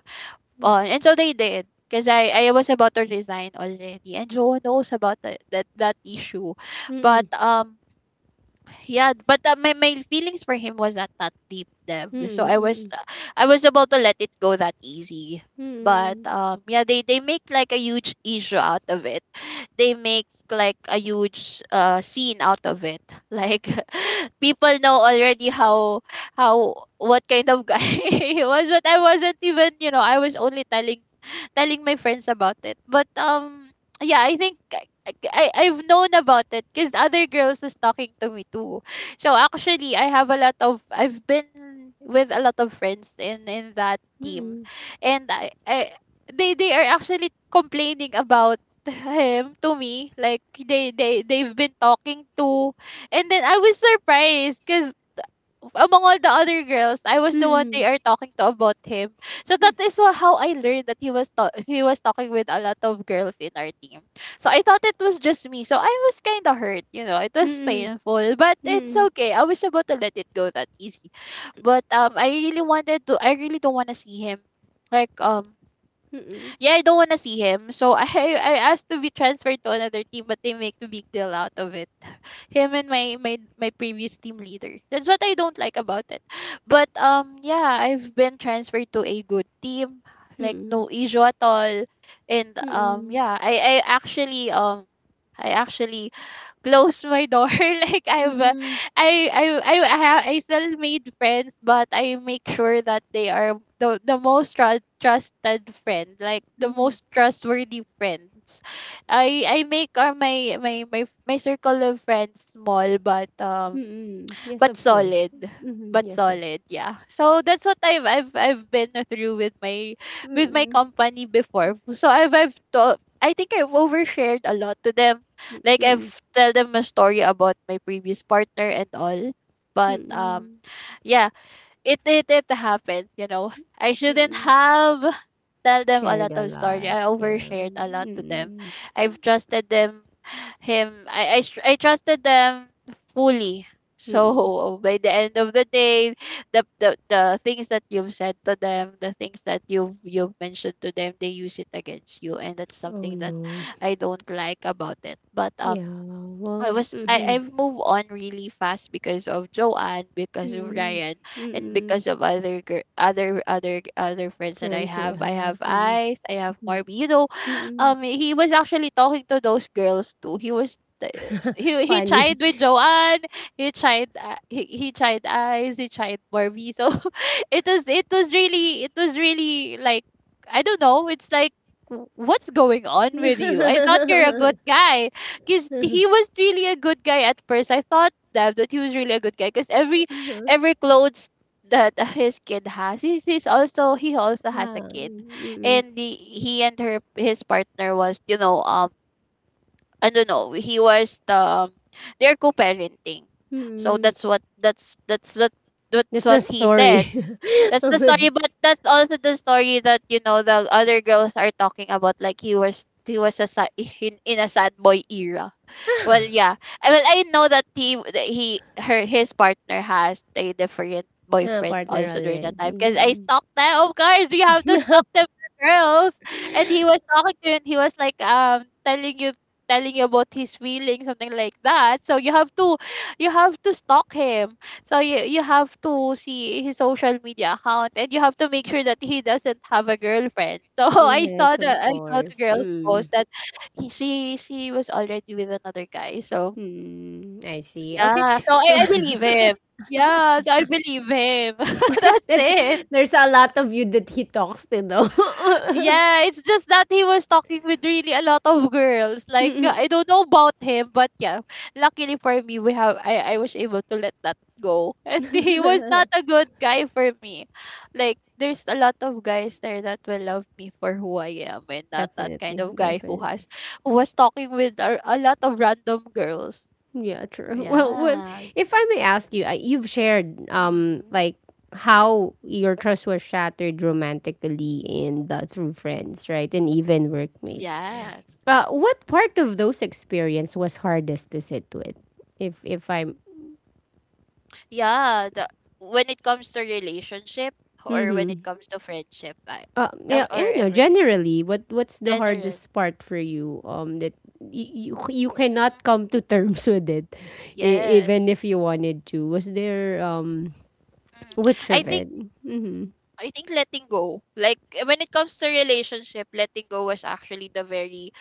S1: Mm,
S2: And so they did because I was about to resign already and Joe knows about that that issue. But
S1: mm,
S2: yeah, but my feelings for him was not that deep, Deb. So I was
S1: mm,
S2: I was about to let it go that easy.
S1: mm,
S2: But
S1: mm,
S2: yeah, they make like a huge issue out of it. They make like a huge scene out of it. Like [laughs] people know already how what kind of guy [laughs] he was, but I wasn't even, you know, I was only telling my friends about it. But yeah, I think, like, I've known about it because other girls is talking to me too. So actually, I have a lot of I've been with a lot of friends in that team,
S1: mm,
S2: and I they are actually complaining about him to me. Like they've been talking to, and then I was surprised because among all the other girls, I was
S1: mm,
S2: the one they
S1: mm,
S2: are talking to about him. So that is how I learned that he was he was talking with a lot of girls in our team. So I thought it was just me. So I was kind of hurt, you know. It
S1: mm,
S2: was
S1: mm,
S2: painful, but it's
S1: mm,
S2: okay. I was about to let it go that easy. But I really wanted to I really don't want to see him, like
S1: mm,
S2: yeah, I don't want to see him. So [laughs] I asked to be transferred to another team, but they make a big deal out of it. [laughs] Him and my previous team leader. That's what I don't like about it. But yeah, I've been transferred to a good team, like no issue at all. And yeah, I actually close my door [laughs] like
S1: mm,
S2: I've,
S1: mm,
S2: I, have, I still made friends, but I make sure that they are the most trusted friend, like the
S1: mm,
S2: most trustworthy friends. I make my circle of friends small,
S1: mm. Yes,
S2: but
S1: of course.
S2: solid.
S1: Hmm,
S2: But
S1: yes.
S2: solid, yeah. So that's what I've been through with my
S1: Mm,
S2: company before. So I think I've overshared a lot to them, like I've
S1: mm,
S2: tell them a story about my previous partner and all. But
S1: mm,
S2: yeah, it it happens, you know. I shouldn't
S1: mm.
S2: have tell them a
S1: Shared
S2: lot
S1: a
S2: of story.
S1: lot,
S2: I
S1: yeah.
S2: overshared a lot to them.
S1: Mm.
S2: I've trusted them him I, str- I trusted them fully. So [laughs] by the end of the day, the things that you've said to them, the things that you've mentioned to them, they use it against you, and that's
S1: Oh
S2: something that
S1: no.
S2: I don't like about it. But
S1: Yeah, well,
S2: I
S1: mhm,
S2: I've moved on really fast because of Joanne, because of
S1: mm,
S2: Ryan, and
S1: mm.
S2: because of other gir- other other other friends that I
S1: Friends you
S2: have. I
S1: have.
S2: have
S1: Mm,
S2: Ice, I have Marby. You know, [sighs]
S1: mm.
S2: he was actually talking to those girls too. He was he
S1: Funny.
S2: tried with Joanne, he tried he tried Ice, he tried Marby. So [laughs] it was really like I don't know. It's like what's going on with you? I thought you're a good
S1: [laughs]
S2: guy because he was really a good guy at first. I thought that he was really a good guy because every clothes that his kid has, he's also he also has a
S1: Ah,
S2: kid,
S1: mm,
S2: and he and her his partner was, you know, I don't know, he was the um, they're co-parenting, so
S1: mm.
S2: that's what that's
S1: That's the
S2: what he
S1: story.
S2: said. That's the story,
S1: [laughs]
S2: but that's also the story that, you know, the other girls are talking about. Like he was a sad, [laughs] in a sad boy era. Well, yeah. I Well, I know that he her his partner has a different
S1: Ah,
S2: boyfriend
S1: partner
S2: also during
S1: already.
S2: that time because I
S1: Mm.
S2: stalked them. Of course, we have to stalk them [laughs] for girls. And he was talking to you and he was, like, telling you about his feelings, something like that. So you have to stalk him. So you have to see his social media account and you have to make sure that he doesn't have a girlfriend. [laughs] So
S1: Yes, of
S2: I saw the
S1: course.
S2: girls
S1: Mm,
S2: post that he she was already with another guy. So
S1: mm. I see. Okay.
S2: yeah, so I
S1: [laughs]
S2: believe him. Yeah, so I believe him. [laughs] That's
S1: [laughs] That's
S2: it.
S1: there's a lot of you that he talks to though.
S2: Yeah, it's just that he was talking with really a lot of girls. Like I don't know about him, but yeah, luckily for me, we have I was able to let that go, [laughs] and he was not a good guy for me. Like there's a lot of guys there that will love me for who I am, and
S1: [laughs]
S2: not that
S1: Definitely,
S2: kind of guy who
S1: definitely.
S2: has who was talking with a lot of random girls.
S1: Yeah, true. [laughs] Well,
S2: Yes.
S1: if I may ask you, you've shared
S2: Hmm.
S1: like how your trust was shattered romantically and through friends, right? And even workmates.
S2: Yes.
S1: What part of those experience was hardest to sit with? If I'm
S2: Yeah. When it comes to relationship, or when it
S1: mm-hmm.
S2: comes to friendship, or,
S1: Yeah,
S2: or
S1: yeah, no,
S2: everything,
S1: generally, what's the
S2: general.
S1: hardest part for you? That you cannot
S2: Hmm.
S1: come to terms with it, even
S2: Yes.
S1: if you wanted to. Was there
S2: Hmm.
S1: which
S2: I
S1: of
S2: think
S1: it? Mm-hmm.
S2: I think letting go. Like, eh, when it comes to relationship, letting go was actually the very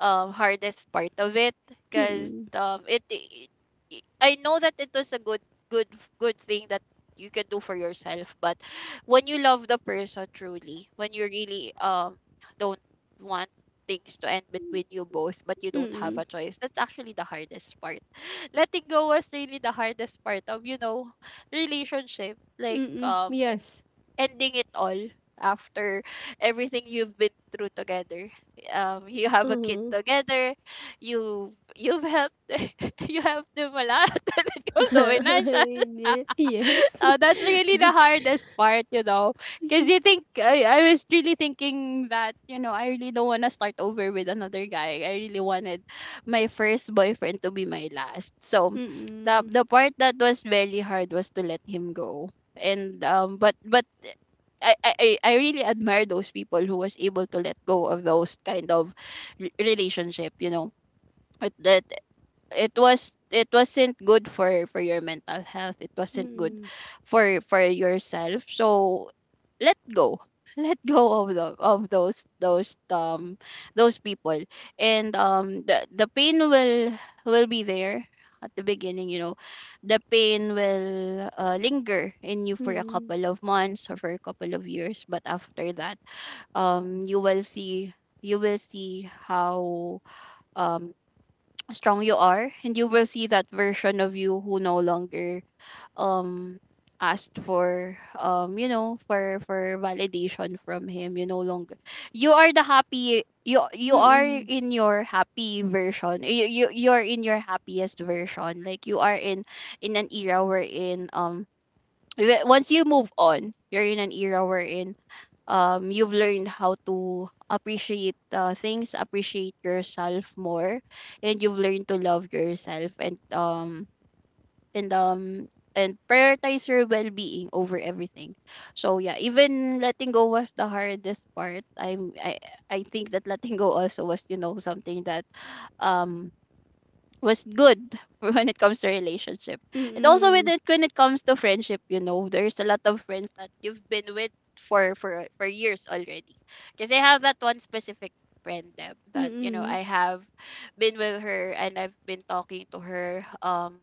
S2: hardest part of it because
S1: Mm-mm.
S2: it I know that it was a good good thing that you can do for yourself. But when you love the person truly, when you really don't want things to end between you both, but you don't have
S1: Mm-mm.
S2: a choice, that's actually the hardest part. [laughs] Letting go was really the hardest part of, you know, relationship, like,
S1: Mm-mm. Yes.
S2: ending it all after everything you've been through together. Um, you have a kid
S1: Mm-hmm.
S2: together, you you've helped [laughs] you helped them a lot [laughs] when it comes to financial [laughs]
S1: [laughs] yes.
S2: that's really the hardest part, you know. Because you think, I was really thinking that, you know, I really don't want to start over with another guy. I really wanted my first boyfriend to be my last. So the
S1: Mm-mm.
S2: part that was very hard was to let him go. And but I really admire those people who was able to let go of those kind of relationship, you know. It, that it wasn't good for your mental health. It wasn't good
S1: Mm-mm.
S2: for yourself. So let go. [laughs] Let go of the of those people. And um the the pain will be there at the beginning, you know. The pain will linger in you for a couple of months or for a couple of years. But after that, you will see. You will see how um strong you are, and you will see that version of you who no longer um asked for, for validation from him. You no longer, you are the happy you. You are
S1: Mm-mm.
S2: in your happy version. You're in your happiest version. Like you are in an era wherein once you move on, you're in an era wherein you've learned how to appreciate things, appreciate yourself more, and you've learned to love yourself. And um and um and prioritize your well-being over everything. So yeah, even letting go was the hardest part. I think that letting go also was, you know, something that um was good [laughs] when it comes to relationship. And also with
S1: Mm-mm.
S2: it, when it comes to friendship, you know, there's a lot of friends that you've been with for years already. Because I have that one specific friend, Deb, that, you know,
S1: Mm-mm.
S2: I have been with her, and I've been talking to her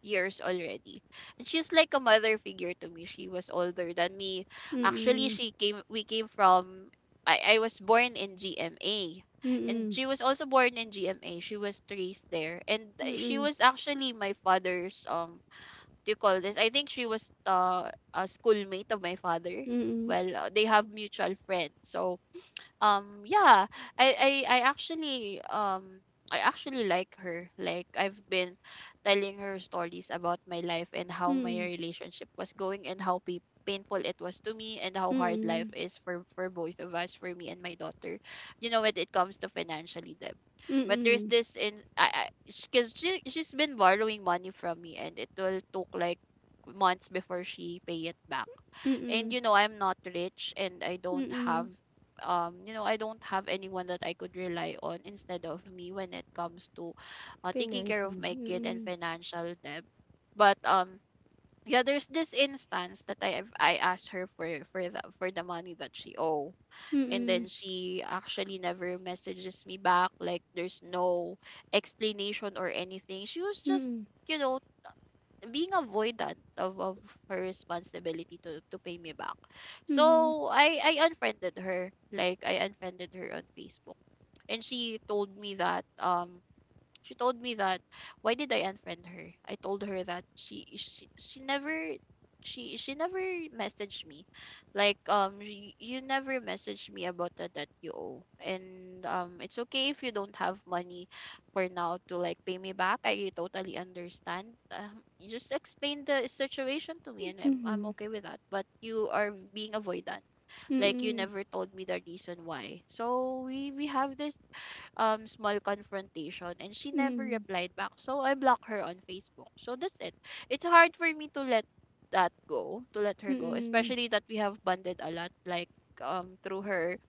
S2: years already. And she's like a mother figure to me. She was older than me. Actually,
S1: Mm-mm.
S2: she came we came from, I, was born in GMA. And
S1: Mm-mm.
S2: she was also born in GMA. She was raised there. And
S1: Mm-mm.
S2: she
S1: Mm-mm.
S2: was actually my father's, do you call this? I think she was a schoolmate of my father.
S1: Mm-mm.
S2: Well, they have mutual friends. So yeah, i i, I actually um I actually like her. Like I've been telling her stories about my life and how my relationship was going and how painful it was to me, and how hard life
S1: Mm-mm.
S2: is for both of us, for me and my daughter. You know, when it comes to financially them. But there's
S1: Mm-mm.
S2: this in I, because she's been borrowing money from me, and it will took like months before she pay it back. And
S1: Mm-mm.
S2: you know, I'm not rich, and I don't have,
S1: Mm-mm.
S2: I don't have anyone that I could rely on instead of me when it comes to taking care
S1: Financial.
S2: of my kid and
S1: Mm-mm.
S2: financial debt. But yeah, there's this instance that I have, I asked her for the money that she owe. And
S1: Mm-mm.
S2: then she actually never messages me back. Like there's no explanation or anything. She was just,
S1: Mm-mm.
S2: you know, being avoidant of, her responsibility to pay me back.
S1: Mm,
S2: So I unfriended her. Like I unfriended her on Facebook. And she told me that, She told me that why did I unfriend her? I told her that she never, she she never messaged me. Like, you, never messaged me about the debt you owe. And it's okay if you don't have money for now to like pay me back. I totally understand. You just explain the situation to me, and I'm
S1: hmm.
S2: okay with that. But you are being avoidant. Like you never told me the reason why. So we have this small confrontation, and she never
S1: Mm,
S2: replied back. So I blocked her on Facebook. So that's it. It's hard for me to let that go, to let her go,
S1: hmm.
S2: especially that we have bonded a lot. Like through her,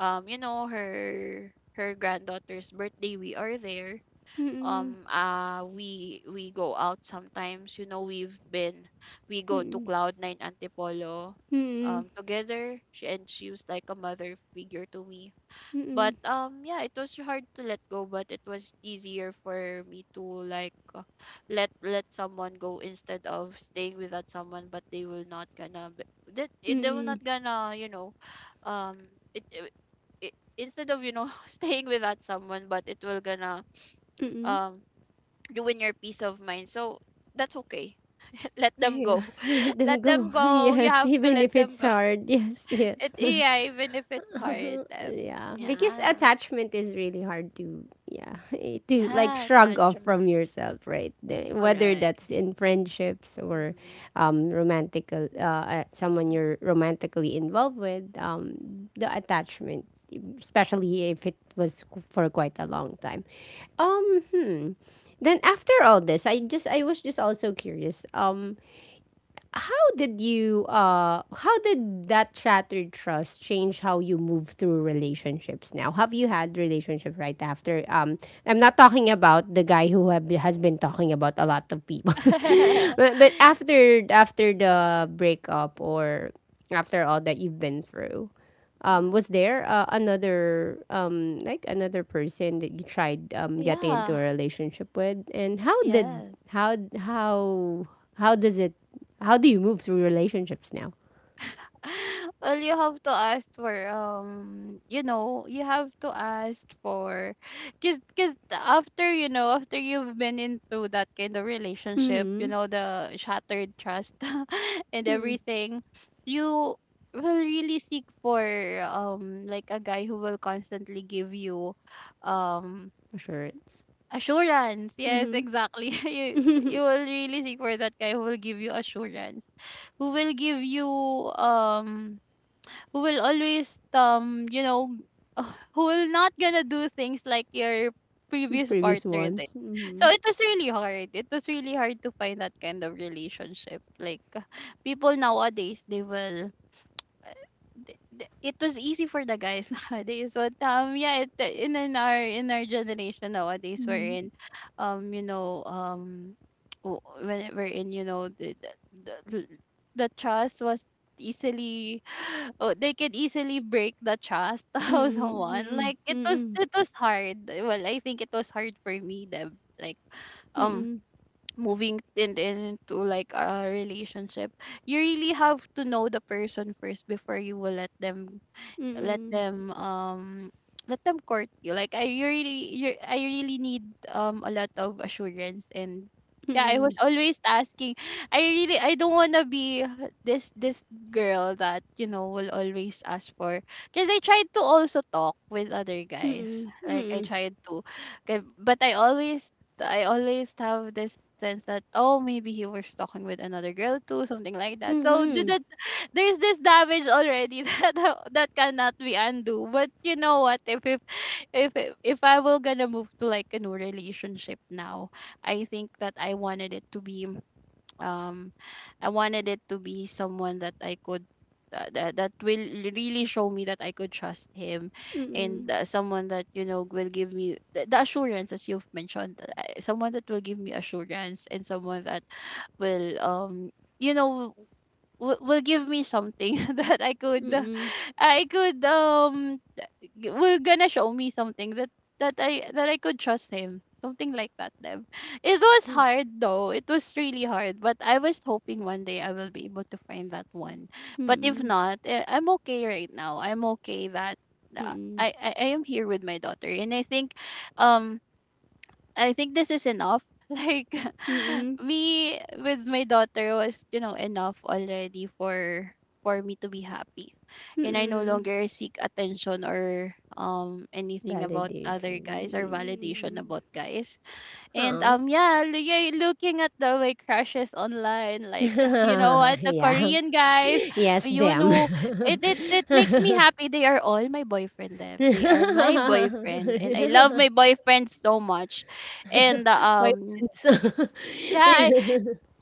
S2: her granddaughter's birthday, we are there.
S1: Mm-mm.
S2: We go out sometimes. You know, we've been, we
S1: Mm-mm. Mm-mm. Mm-mm.
S2: go to
S1: Mm-mm. Mm-mm.
S2: cloud nine antipolo together. She was like a mother figure to me.
S1: Mm-mm.
S2: But yeah, it was hard to let go, but it was easier for me to like, let someone go instead of staying with that someone, but they will not gonna b- that it they will
S1: Mm-mm.
S2: not gonna, you know, um it, it, it instead of, you know, [laughs] staying with that someone, but it will gonna
S1: Mm-mm.
S2: um ruin your peace of mind. So that's okay. [laughs] Let them
S1: Yeah,
S2: go.
S1: [laughs] let
S2: [laughs]
S1: them
S2: Let them
S1: go. [laughs]
S2: go. You
S1: Yes,
S2: have to
S1: even
S2: let
S1: if
S2: them
S1: it's
S2: go. [laughs]
S1: hard. Yes,
S2: It
S1: yes. [laughs]
S2: Yeah, even if it's hard.
S1: Yeah, because
S2: Yeah.
S1: attachment is really hard to, yeah, [laughs] to like
S2: Yeah,
S1: shrug off
S2: attachment.
S1: from yourself, right? Whether
S2: Correct.
S1: that's in friendships or
S2: Mm-hmm.
S1: romantic, someone you're
S2: Mm-hmm.
S1: romantically involved with. The attachment, especially if it was for quite a long time, um hmm then after all this, I was just also curious. How did you how did that shattered trust change how you move through relationships now? Have you had relationship right after? I'm not talking about the guy who have, has been talking about a lot of people, [laughs] but
S2: [laughs]
S1: after after the breakup or after all that you've been through,
S2: hmm
S1: was there another like another person that you tried getting into a
S2: yeah.
S1: relationship with, and how did,
S2: Yes.
S1: how does it, how do you move through relationships now?
S2: [laughs] Well, you have to ask for, you know, you have to ask for, cause, after, you know, after you've been into that kind of relationship, you
S1: Mm-hmm.
S2: know, the shattered trust [laughs] and
S1: Mm-hmm.
S2: everything, you will really seek for like a guy who will constantly give you um
S1: Assurance.
S2: Assurance. Yes, exactly. [laughs]
S1: Mm-hmm.
S2: You
S1: [laughs]
S2: will really seek for that guy who will give you assurance, who will give you, um, who will always, you know, [laughs] who will not gonna do things like your previous
S1: Previous
S2: partner did.
S1: ones.
S2: So it was really hard. It was really hard to find that kind of relationship. Like people nowadays, they will, it was easy for the guys [laughs] nowadays. But yeah, it, in, our generation nowadays, we're in, um you know um when we're in, you know, the the, the the trust was easily [gasps] [sighs] oh, they could easily break the trust [laughs] of
S1: Mm-mm,
S2: someone.
S1: mm-mm,
S2: Like it was,
S1: mm-mm,
S2: it was hard. Well, I think it was hard for me them. Like um
S1: mm-mm,
S2: moving into like a relationship, you really have to know the person first before you will let them, let
S1: mm-mm,
S2: them um let them court you. Like I really you I really need a lot of assurance. And yeah, I was always asking. I really, I don't want to be this girl that, you know, will always ask for. Because I tried to also talk with other guys.
S1: mm-mm, mm-mm,
S2: Like I
S1: mhm,
S2: tried to, 'kay, but I always, I always have this sense that oh, maybe he was talking with another girl too, something like that. So
S1: mm-mm,
S2: that there's this damage already [laughs] that cannot be undo. But you know what? If I will gonna move to like a new relationship now, I think that I wanted it to be, um, I wanted it to be someone that I could. That will really show me that I could trust him. And someone that, you know, will give me the assurance as you've mentioned. Someone that will give me assurance, and someone that will you know will give me something [laughs] that I could
S1: mm-mm,
S2: I could um will gonna show me something that that I could trust him, something like that, Deb. It was hard, though. It was really hard. But I was hoping one day I will be able to find that one. But if
S1: mm-mm,
S2: not, eh, I'm okay right now. I'm okay that,
S1: mm-mm,
S2: I am here with my daughter, and um I think this is enough. [laughs] Like [laughs]
S1: mm-mm,
S2: me with my daughter was, you know, enough already for me to be happy. And I no
S1: mm-mm.
S2: longer seek attention or anything about
S1: Validation.
S2: other guys, or validation
S1: Mm.
S2: about guys. And
S1: Oh.
S2: yeah, yeah, looking at the way crushes online,
S1: [laughs]
S2: like [sighs] you know what, the
S1: yeah.
S2: Korean guys,
S1: Yes,
S2: you
S1: them.
S2: know, it,
S1: [laughs]
S2: it makes me happy. They are all my boyfriend. Deb. They are my boyfriend, and I love my boyfriend so much. And
S1: My friends. [laughs]
S2: yeah,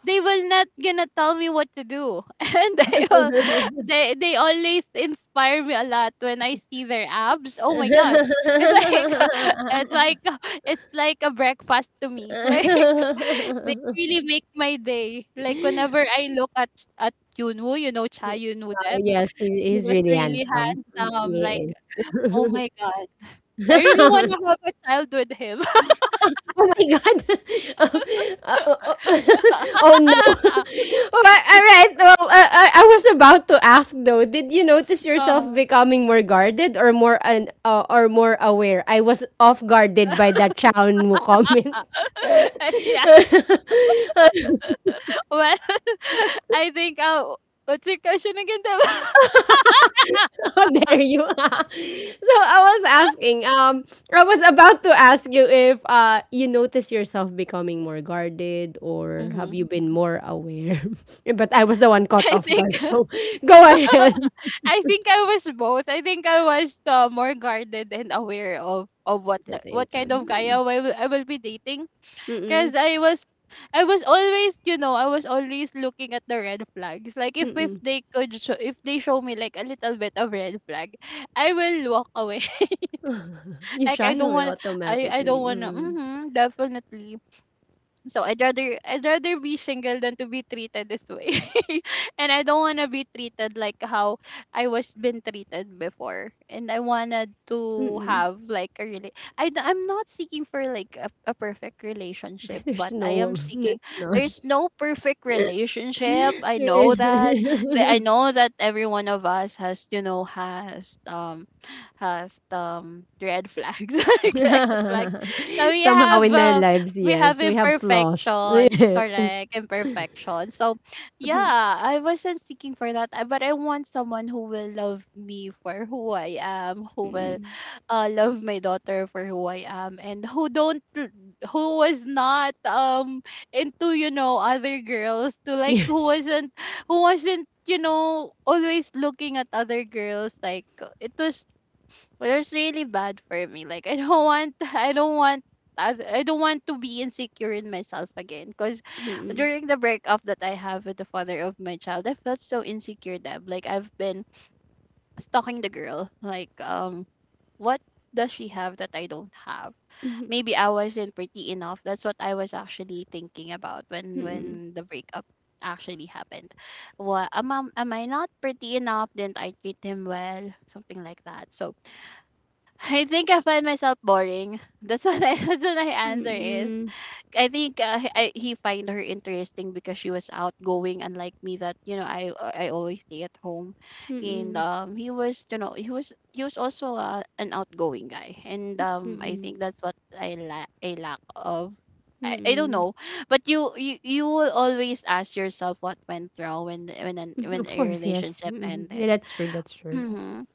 S2: they will not gonna tell me what to do [laughs] and they will they always inspire me a lot when I see their abs. Oh my god, it's like [laughs] it's like it's like a breakfast to me. [laughs] Like they really make my day. Like whenever I look at at yunwoo, you know, cha yunwoo them.
S1: Yes, he,
S2: He
S1: he's
S2: was
S1: really
S2: really
S1: handsome. Mm,
S2: handsome. Like
S1: he
S2: oh my god, I really want
S1: is.
S2: to
S1: [laughs]
S2: have a child with him.
S1: Oh my god. [laughs] Oh, oh! uh, [laughs] oh no. [laughs] All
S2: [laughs]
S1: right,
S2: Yeah.
S1: all right. Well, I was about to ask though. Did you notice yourself
S2: Uh-huh.
S1: becoming more guarded or more an or more aware? I was off guarded by that Chow Nu comment.
S2: [laughs] Yeah.
S1: [laughs]
S2: [laughs] Well, [laughs] I think, what's your question again, Deb? [laughs]
S1: [laughs] There you are. [laughs] So I was asking, I was about to ask you if you notice yourself becoming more guarded or have
S2: hmm
S1: you been more aware? [laughs] But I was the one caught
S2: I
S1: off guard,
S2: think, [laughs]
S1: so [laughs] go ahead.
S2: I think I was both. I think I was, more guarded and aware of what
S1: At the
S2: the,
S1: same
S2: what kind of guy I
S1: time.
S2: will, be dating.
S1: Mm-mm.
S2: Because
S1: Mm-mm.
S2: I was, I was always, you know, I was always looking at the red flags. Like if
S1: Mm-mm.
S2: they could show, if they show me like a little bit of red flag, I will walk away. [laughs]
S1: You
S2: Like I
S1: shy
S2: don't
S1: away
S2: want, I don't
S1: automatically.
S2: want to,
S1: Mm.
S2: mm-hmm, definitely. So I'd rather be single than to be treated this way. [laughs] And I don't wanna be treated like how I was been treated before. And I wanted to
S1: Mm-mm.
S2: have like a really, I'm not seeking for like a perfect relationship,
S1: [laughs] There's
S2: but I am
S1: no there's
S2: seeking,
S1: none.
S2: there's no perfect relationship. I know that. I
S1: [laughs]
S2: know that every one of us has, you know, has red flags. [laughs] Like red flags. So we
S1: Somehow in our
S2: have
S1: lives,
S2: we have
S1: yes, we have flaws. [laughs]
S2: imperfections,
S1: Yes.
S2: correct, imperfections. So yeah, I wasn't seeking for that, but I want someone who will love me for who I am, who will love my daughter for who I am, and who was not into, other girls, to like who
S1: Yes.
S2: wasn't who wasn't always looking at other girls, like, it was but it's really bad for me. Like, I don't want, [laughs] I don't want, I I don't want to be insecure in myself again because during the breakup that I have with the father of my child, I felt so insecure that, like, I've been stalking the girl. Like, what does she have that I don't have? Maybe I wasn't pretty enough. That's what I was actually thinking about when the breakup actually happened. Well, am I not pretty enough? Didn't I treat him well? Something like that. So I think I find myself boring. That's [laughs] that's what my answer is.
S1: Mm-mm.
S2: I think he find her interesting because she was outgoing, unlike me. That, you know, I always stay at home, and
S1: Mm-mm.
S2: he was, you know, he was also an outgoing guy, and I
S1: Mm-mm.
S2: think that's what I lack of. I don't
S1: Mm-mm.
S2: know, but you will always ask yourself what went wrong
S1: Mhm,
S2: when
S1: of
S2: a
S1: course, yes.
S2: relationship
S1: Mm-mm. Yeah,
S2: ended.
S1: that's true. That's true.
S2: [clears throat]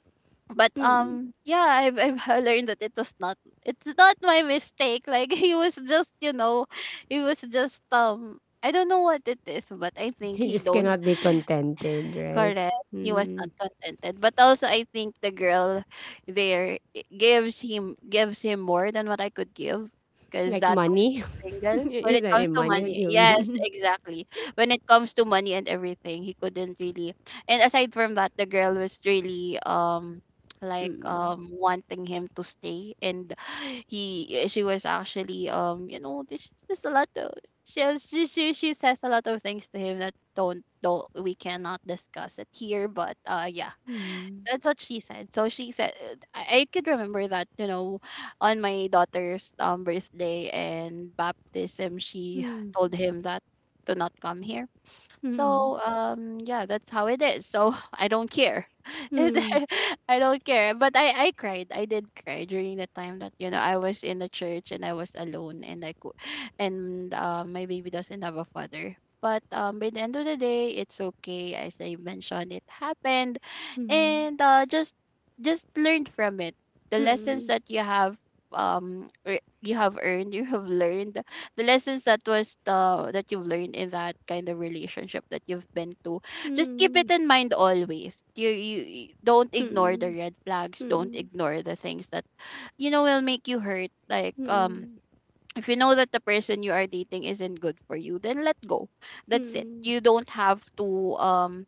S2: but
S1: Mm.
S2: um yeah, I've [laughs] learned that it's not my mistake. Like, [laughs] he was just, you know, he was just, I don't know what it is, but I think
S1: You
S2: he
S1: just
S2: don't.
S1: cannot be contented, right?
S2: Correct. He was not
S1: Mm.
S2: contented. But also I think the girl gives him more than what I could give because
S1: Like
S2: that was
S1: money.
S2: single.
S1: [laughs]
S2: When
S1: Is
S2: it
S1: that
S2: comes
S1: in
S2: to
S1: money? What do
S2: money.
S1: you
S2: Yes,
S1: mean?
S2: exactly. When it comes to money and everything, he couldn't really. And aside from that, the girl was really, like,
S1: Mm.
S2: wanting him to stay, and [sighs] he she was actually, you know, this is a lot of, she she says a lot of things to him that don't, we cannot discuss it here, but, uh, yeah,
S1: Mm.
S2: that's what she said. So she said, I could remember that, you know, on my daughter's birthday and baptism, she
S1: Mm.
S2: told him that to not come here.
S1: Mm.
S2: So yeah, that's how it is. So [laughs] I don't care. [laughs] And then
S1: Mm.
S2: [laughs] I don't care. But I cried. I did cry during the time that, you know, I was in the church and I was alone, and I could, and, my baby doesn't have a father. But by the end of the day, it's okay. As I mentioned, it happened,
S1: Mm.
S2: and, just learned from it. The
S1: Mm.
S2: lessons
S1: Mm.
S2: that you have, you have earned, [laughs] you have learned, the lessons that was the that you've learned in that kind of relationship that you've been to, just keep
S1: Mm.
S2: it in mind always. You don't ignore the
S1: Mm.
S2: red flags. Don't
S1: Mm.
S2: ignore the things that, you know, will make you hurt, like, if you know that the person you are dating isn't good for you, then let go. That's it.
S1: Mm.
S2: You don't have to,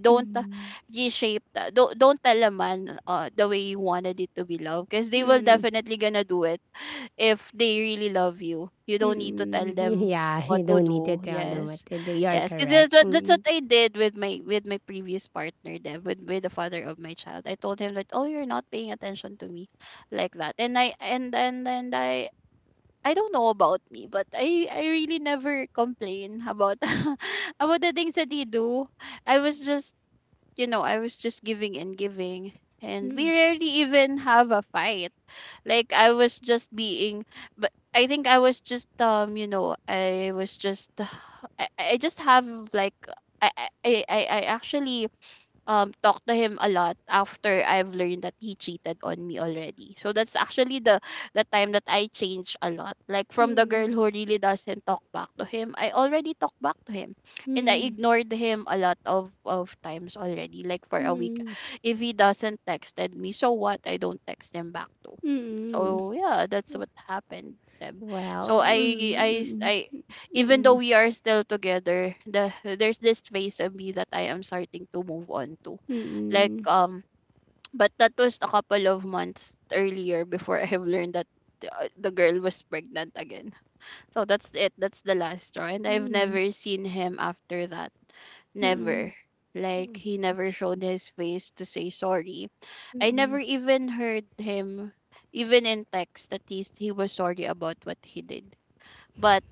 S2: don't,
S1: Mm.
S2: don't tell a man, the way you wanted it to be loved, because they will
S1: Mm.
S2: definitely gonna do it if they really love you. You don't need to tell
S1: Mm-mm.
S2: them
S1: Yeah,
S2: what
S1: you
S2: to
S1: don't need to
S2: do.
S1: tell them
S2: Yes.
S1: what to do. You're
S2: Yes, because
S1: correct.
S2: that's what I did with my, with my previous partner. Then with the father of my child, I told him that, oh, you're not paying attention to me, like that, and I and I don't know about me, but I really never complain about [laughs] about the things that he do. I was just, you know, I was just giving and giving, and we
S1: Mm,
S2: rarely even have a fight. Like, I was just being, but I think I was just, you know, I was just [sighs] I just have, like, I actually talk to him a lot after I've learned that he cheated on me already. So that's actually the time that I changed a lot. Like, from the girl
S1: mm,
S2: who really doesn't talk back to him, I already talk back to him. And I
S1: mm,
S2: ignored him a lot of times already, like for a week.
S1: mm,
S2: If he doesn't texted me, so what? I don't text him back to.
S1: mm.
S2: So yeah, that's what happened, Deb. So
S1: Well,
S2: I I
S1: mm,
S2: s-
S1: mm,
S2: I even though
S1: mm,
S2: we are still together, there's this phase of me that I am starting to move on to, like,
S1: mm,
S2: [tsk] but that was a couple of months earlier before [laughs] I have learned that the girl was pregnant again. So that's it. That's the last straw, and I've
S1: mm,
S2: never seen him after that. Never. Like, he never showed his face to say sorry. I never
S1: mm,
S2: even heard him, even in text, that he was sorry about what he did. But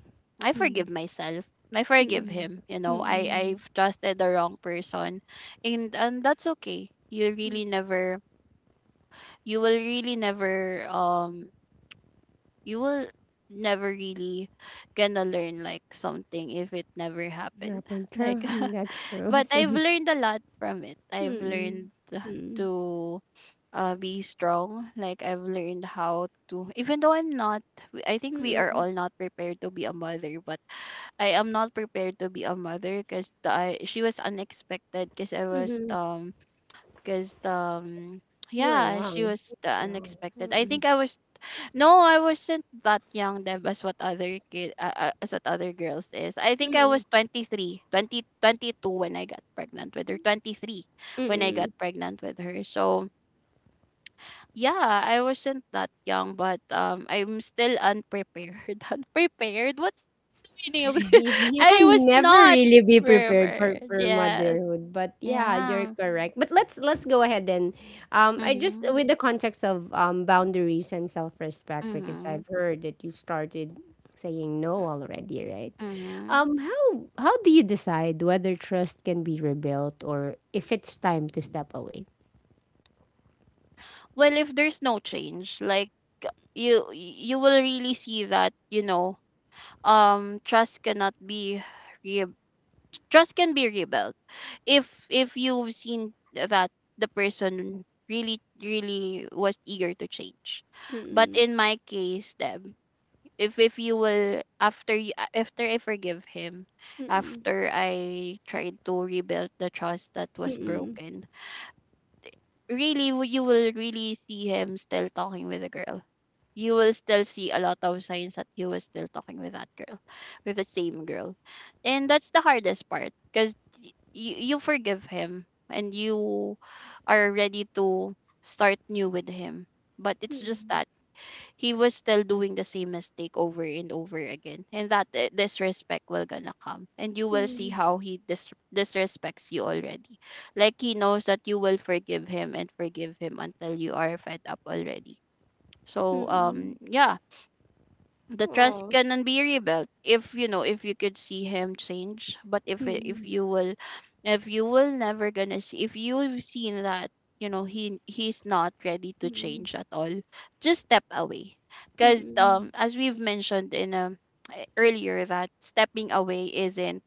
S2: I forgive myself. I forgive
S1: mm,
S2: him. You know, I
S1: mm.
S2: I've trusted the wrong person, and that's okay. You really never, you will really never, you will never really gonna learn, like, something if it never happened.
S1: Up and
S2: [laughs]
S1: true.
S2: Like,
S1: Mm,
S2: [laughs]
S1: that's true. [laughs]
S2: but
S1: So,
S2: I've learned a lot from it. I've
S1: mm,
S2: learned
S1: mm,
S2: to, be strong. Like, I've learned how to, even though I'm not, I think we are
S1: mm,
S2: all not prepared to be a mother, but I am not prepared to be a mother because I she was unexpected because I was,
S1: mm.
S2: because
S1: You were
S2: yeah, she
S1: young.
S2: was the
S1: young.
S2: unexpected. I think I was, no, I wasn't that young, Deb, as what other kid, as what other girls is. I think I was 23, 20 22 when I got pregnant with her. 23
S1: Mm,
S2: when I got
S1: mm.
S2: pregnant with her. So yeah, I wasn't that young, but I'm still unprepared. [laughs] Unprepared. What's meaning of [laughs]
S1: you
S2: I
S1: can
S2: was
S1: never
S2: not
S1: really be prepared for,
S2: pervert.
S1: for
S2: Yes.
S1: motherhood, but yeah, you're
S2: Yeah.
S1: correct, but let's go ahead then. I just
S2: Mhm.
S1: with the context of boundaries and self-respect, because
S2: Mhm.
S1: I've heard that you started saying no
S2: Mm.
S1: already, right?
S2: Mhm.
S1: um how how do you decide whether trust can be rebuilt or if it's time to step away?
S2: Well, if there's no change, like, you will really see that, you know, um trust cannot be re- trust can be rebuilt. If you've seen that the person really really was eager to change. But
S1: Mm-mm.
S2: in my case, Deb, if you will, after I forgive him,
S1: Mm-mm.
S2: after I tried to rebuild the trust that was
S1: Mm-mm.
S2: broken, you will really see him still talking with the girl. You will still see a lot of signs that he was still talking with that girl, with the same girl, and that's the hardest part because you forgive him and you are ready to start new with him, but it's just
S1: Mm-mm.
S2: that he was still doing the same mistake over and over again. And that, disrespect will gonna come, and you will see
S1: Mm-mm.
S2: how he dis- disrespects you already. Like, he knows that you will forgive him and forgive him until you are fed up already. So
S1: Mm-mm.
S2: yeah, the trust
S1: Oh.
S2: can be rebuilt if you know, if you could see him change. But if
S1: Mm-mm.
S2: you will, if you will never gonna see, if you've seen that, you know, he's not ready to
S1: Mm-mm.
S2: change at all, just step away. Because
S1: Mm-mm.
S2: as we've mentioned in earlier, that stepping away isn't,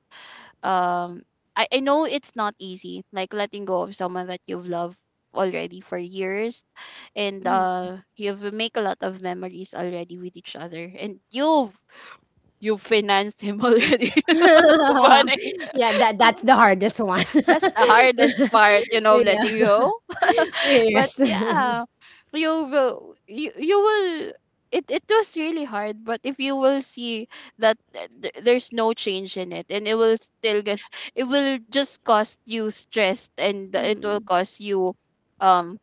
S2: um I know it's not easy, like, letting go of someone that you've loved already for years, and, uh, you've make a lot of memories already with each other, and you financed him already. [laughs]
S1: [laughs]
S2: Money,
S1: Yeah, that's the hardest one. [laughs]
S2: that's the hardest part, you know,
S1: Yeah.
S2: letting
S1: [laughs]
S2: go. [laughs] But
S1: Yes. [laughs]
S2: yeah, you will, you will, it was really hard. But if you will see that there's no change in it and it will still get, it will just cost you stress, and it will
S1: Hmm.
S2: cost you, um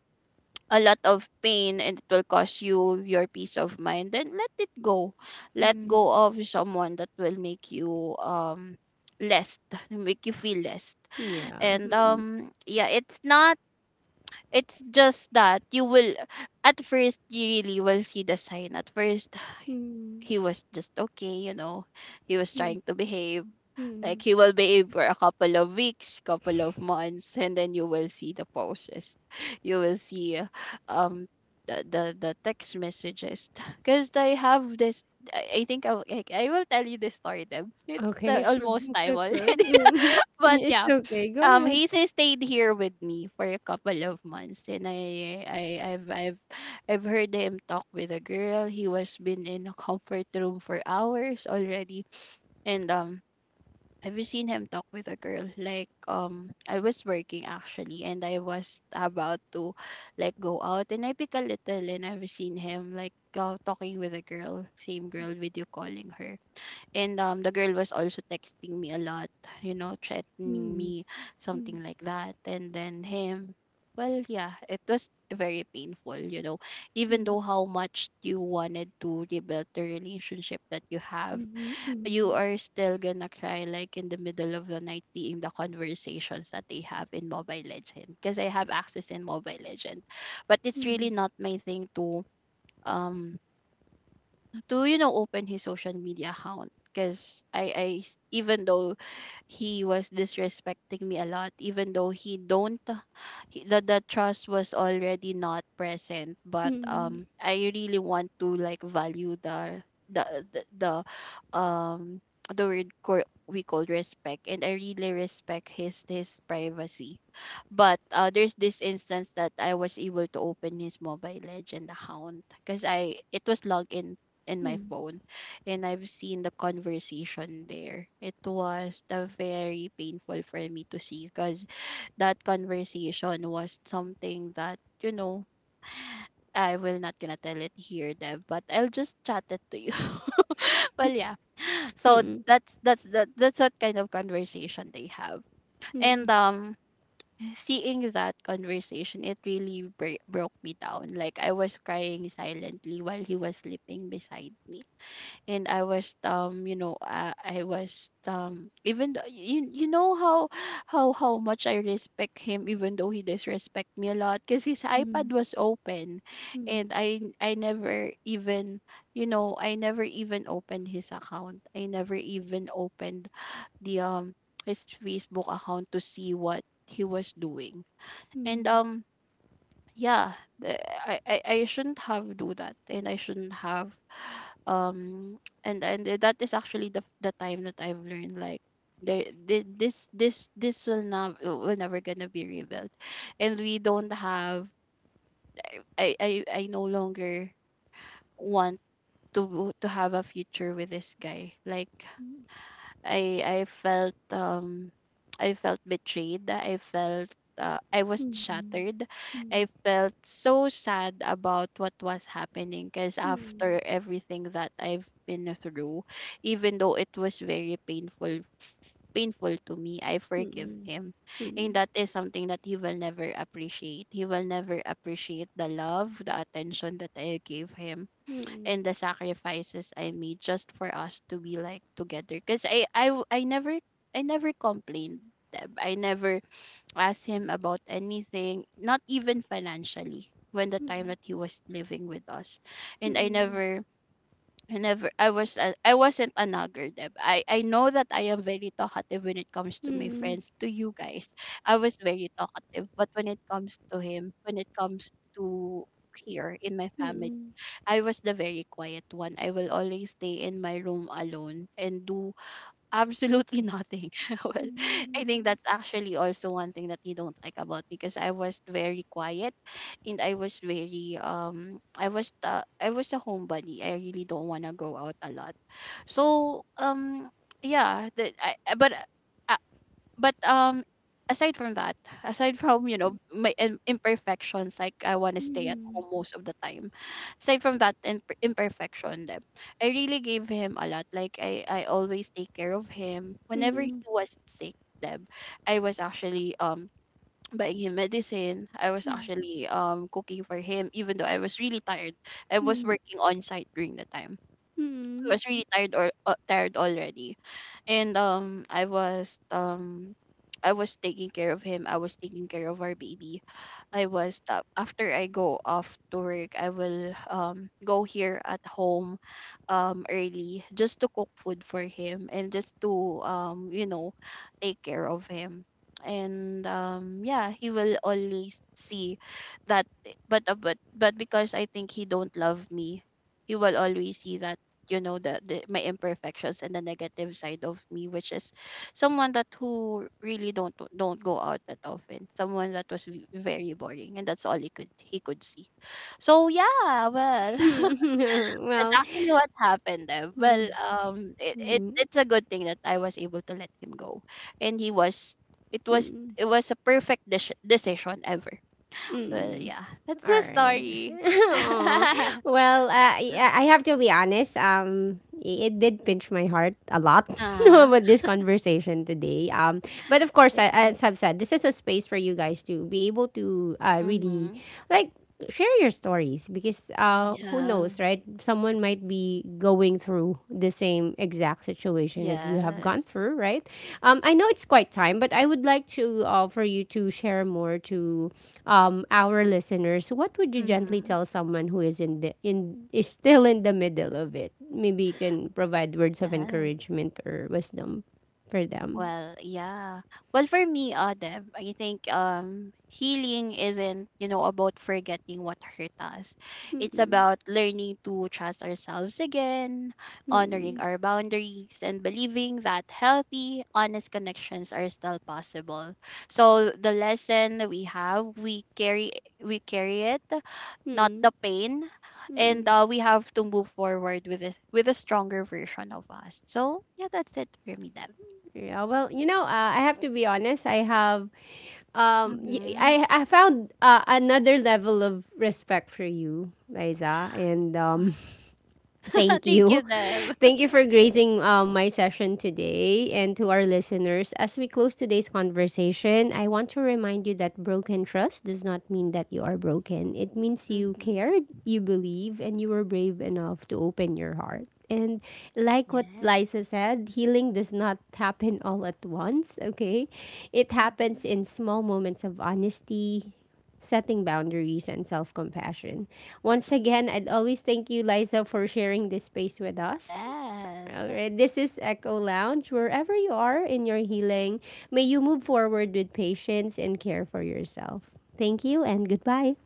S2: a lot of pain, and it will cost you your peace of mind, then let it go. Let
S1: Yeah.
S2: go of someone that will make you, less, [laughs] make you feel less.
S1: Yeah.
S2: And
S1: Mm.
S2: yeah, it's not, it's just that you will, at first, you really will see the sign. At first, [sighs]
S1: Mm.
S2: he was just okay, you know, he was
S1: Mm.
S2: trying to behave, like,
S1: Mm.
S2: he will be in for a couple of weeks, couple of months, and then you will see the posts. [laughs] You will see, um the text messages. [laughs] Because I have this, I think I will tell you this story then. It's
S1: Okay.
S2: the,
S1: Sure.
S2: almost
S1: It's
S2: time already.
S1: okay.
S2: [laughs]
S1: [laughs]
S2: But
S1: It's
S2: yeah.
S1: okay. Go ahead.
S2: He stayed here with me for a couple of months, and I've I've heard him talk with a girl. He was been in a comfort room for hours already. And have you seen him talk with a girl? Like, I was working actually, and I was about to, like, go out, and I pick a little, and I've seen him like go talking with a girl, same girl, video calling her, and the girl was also texting me a lot, threatening
S1: Mm.
S2: me,
S1: Mm.
S2: something like that, and then him. Well, yeah, it was very painful, even
S1: Mm.
S2: though how much you wanted to rebuild the relationship that you have, you
S1: Mm.
S2: are still gonna cry like in the middle of the night seeing the conversations that they have in Mobile Legend because I have access in Mobile Legend. But it's
S1: Mm.
S2: really not my thing um to open his social media account because even though he was disrespecting me a lot, even though he don't, the trust was already not present, but
S1: Mm.
S2: I really want to like value the the the word we call respect, and I really respect his privacy. But there's this instance that I was able to open his Mobile Legend account because I it was logged in my
S1: Mm.
S2: phone, and I've seen the conversation there. It was the very painful for me to see because that conversation was something that, you know, I will not gonna tell it here, Dev, but I'll just chat it to you. [laughs] Well, yeah. So
S1: Mm.
S2: that's what kind of conversation they have. And
S1: Mm.
S2: seeing that conversation, it really broke me down. Like I was crying silently while he was sleeping beside me, and I was I was even though, you know how how much I respect him even though he disrespect me a lot. Because his iPad
S1: Mm.
S2: was open, and I never even, I never even opened his account, I never even opened the his Facebook account to see what he was doing. And
S1: Mm.
S2: yeah, the- I shouldn't have do that, and I shouldn't have [sighs] that is actually the time that I've learned like there thi- this will not will never gonna be rebuilt, and we don't have, I no longer want to have a future with this guy. Like I felt I felt betrayed. I felt I was
S1: Mm. Mm.
S2: shattered. I
S1: Mm.
S2: felt so sad about what was happening because
S1: Mm.
S2: after everything that I've been through, even though it was very painful to me, I
S1: Mm.
S2: forgive
S1: Mm.
S2: him. And
S1: Mm.
S2: that is something that he will never appreciate. He will never appreciate the love, the attention that I gave him,
S1: Mm.
S2: and the sacrifices I made just for us to be like together. Cause I never, I never complained. Deb. I never asked him about anything, not even financially, when the time that he was living with us, and I
S1: Mm.
S2: never. I wasn't a nagger, Deb. I know that I am very talkative when it comes to my
S1: Mm.
S2: friends, to you guys. I was very talkative, but when it comes to him, when it comes to here in my
S1: [laughs] Well,
S2: family, I was the very quiet one. I will always stay in my room alone and do absolutely nothing. [laughs] Well, I think that's actually also one thing that you don't like about, because I was very quiet, and I was very I was a homebody. I really don't want to go out a lot. So yeah, but but aside from that, aside from you know my imperfections, like I want to stay at home most of the time. Aside from that imperfection, then I really gave him a lot. Like i always take care of him whenever he was sick, Deb. I was actually buying him medicine. I was actually cooking for him even though I was really tired. I was working on site during the time. I was really tired, or tired already, and I was taking care of him. I was taking care of our baby. I was after I go off to work, I will go here at home early, just to cook food for him, and just to you know take care of him. And yeah, he will always see that. But but because I think he don't love me, he will always see that, you know, the my imperfections and the negative side of me, which is someone that who really don't go out that often, someone that was very boring, and that's all he could see. So yeah, well, [laughs] that's actually what happened there. Well, it, it it's a good thing that I was able to let him go, and he was, it was, it was a perfect decision ever. Well, yeah, that's
S1: all
S2: the
S1: right.
S2: story.
S1: [laughs] Oh,
S2: [laughs]
S1: well, I have to be honest. It did pinch my heart a lot [laughs]
S2: Ah,
S1: with this conversation today. But of course,
S2: yeah.
S1: as I've said, this is a space for you guys to be able to really
S2: Mm-hmm.
S1: like share your stories, because who
S2: Yeah.
S1: knows, right? Someone might be going through the same exact situation as you have gone
S2: Yes.
S1: through, right? I know it's quite time, but I would like to, for you to share more to our listeners. What would you gently
S2: Mm-hmm.
S1: tell someone who is in the in is still in the middle of it? Maybe you can provide words of
S2: Yes.
S1: encouragement or wisdom for them.
S2: Well, yeah. Well, for me, Deb, I think healing isn't, you know, about forgetting what hurt us. It's
S1: Mm-mm.
S2: about learning to trust ourselves again, honoring
S1: Mm-mm.
S2: our boundaries, and believing that healthy, honest connections are still possible. So the lesson we have, we carry it, not
S1: Mm-mm.
S2: the pain. And
S1: Mm-mm.
S2: we have to move forward with this, with a stronger version of us. So yeah, that's it for me, Deb.
S1: Yeah, well, I have to be honest. I have um y-
S2: Mm-hmm.
S1: I I found, another level of respect for you, Liza, and um.
S2: [laughs]
S1: Thank
S2: Thank you,
S1: you.
S2: Deb.
S1: [laughs] Thank you for gracing my session today and to our listeners. As we close today's conversation, I want to remind you that broken trust does not mean that you are broken. It means you
S2: Mm-hmm.
S1: cared, you believe, and you were brave enough to open your heart. And like what
S2: Yeah.
S1: Liza said, healing does not happen all at once, okay? It
S2: Mm-hmm.
S1: happens in small moments of honesty, setting boundaries and self compassion. Once again, I'd always thank you, Liza, for sharing this space with us. All
S2: Yes.
S1: right, this is Echo Lounge. Wherever you are in your healing, may you move forward with patience and care for yourself. Thank you and goodbye.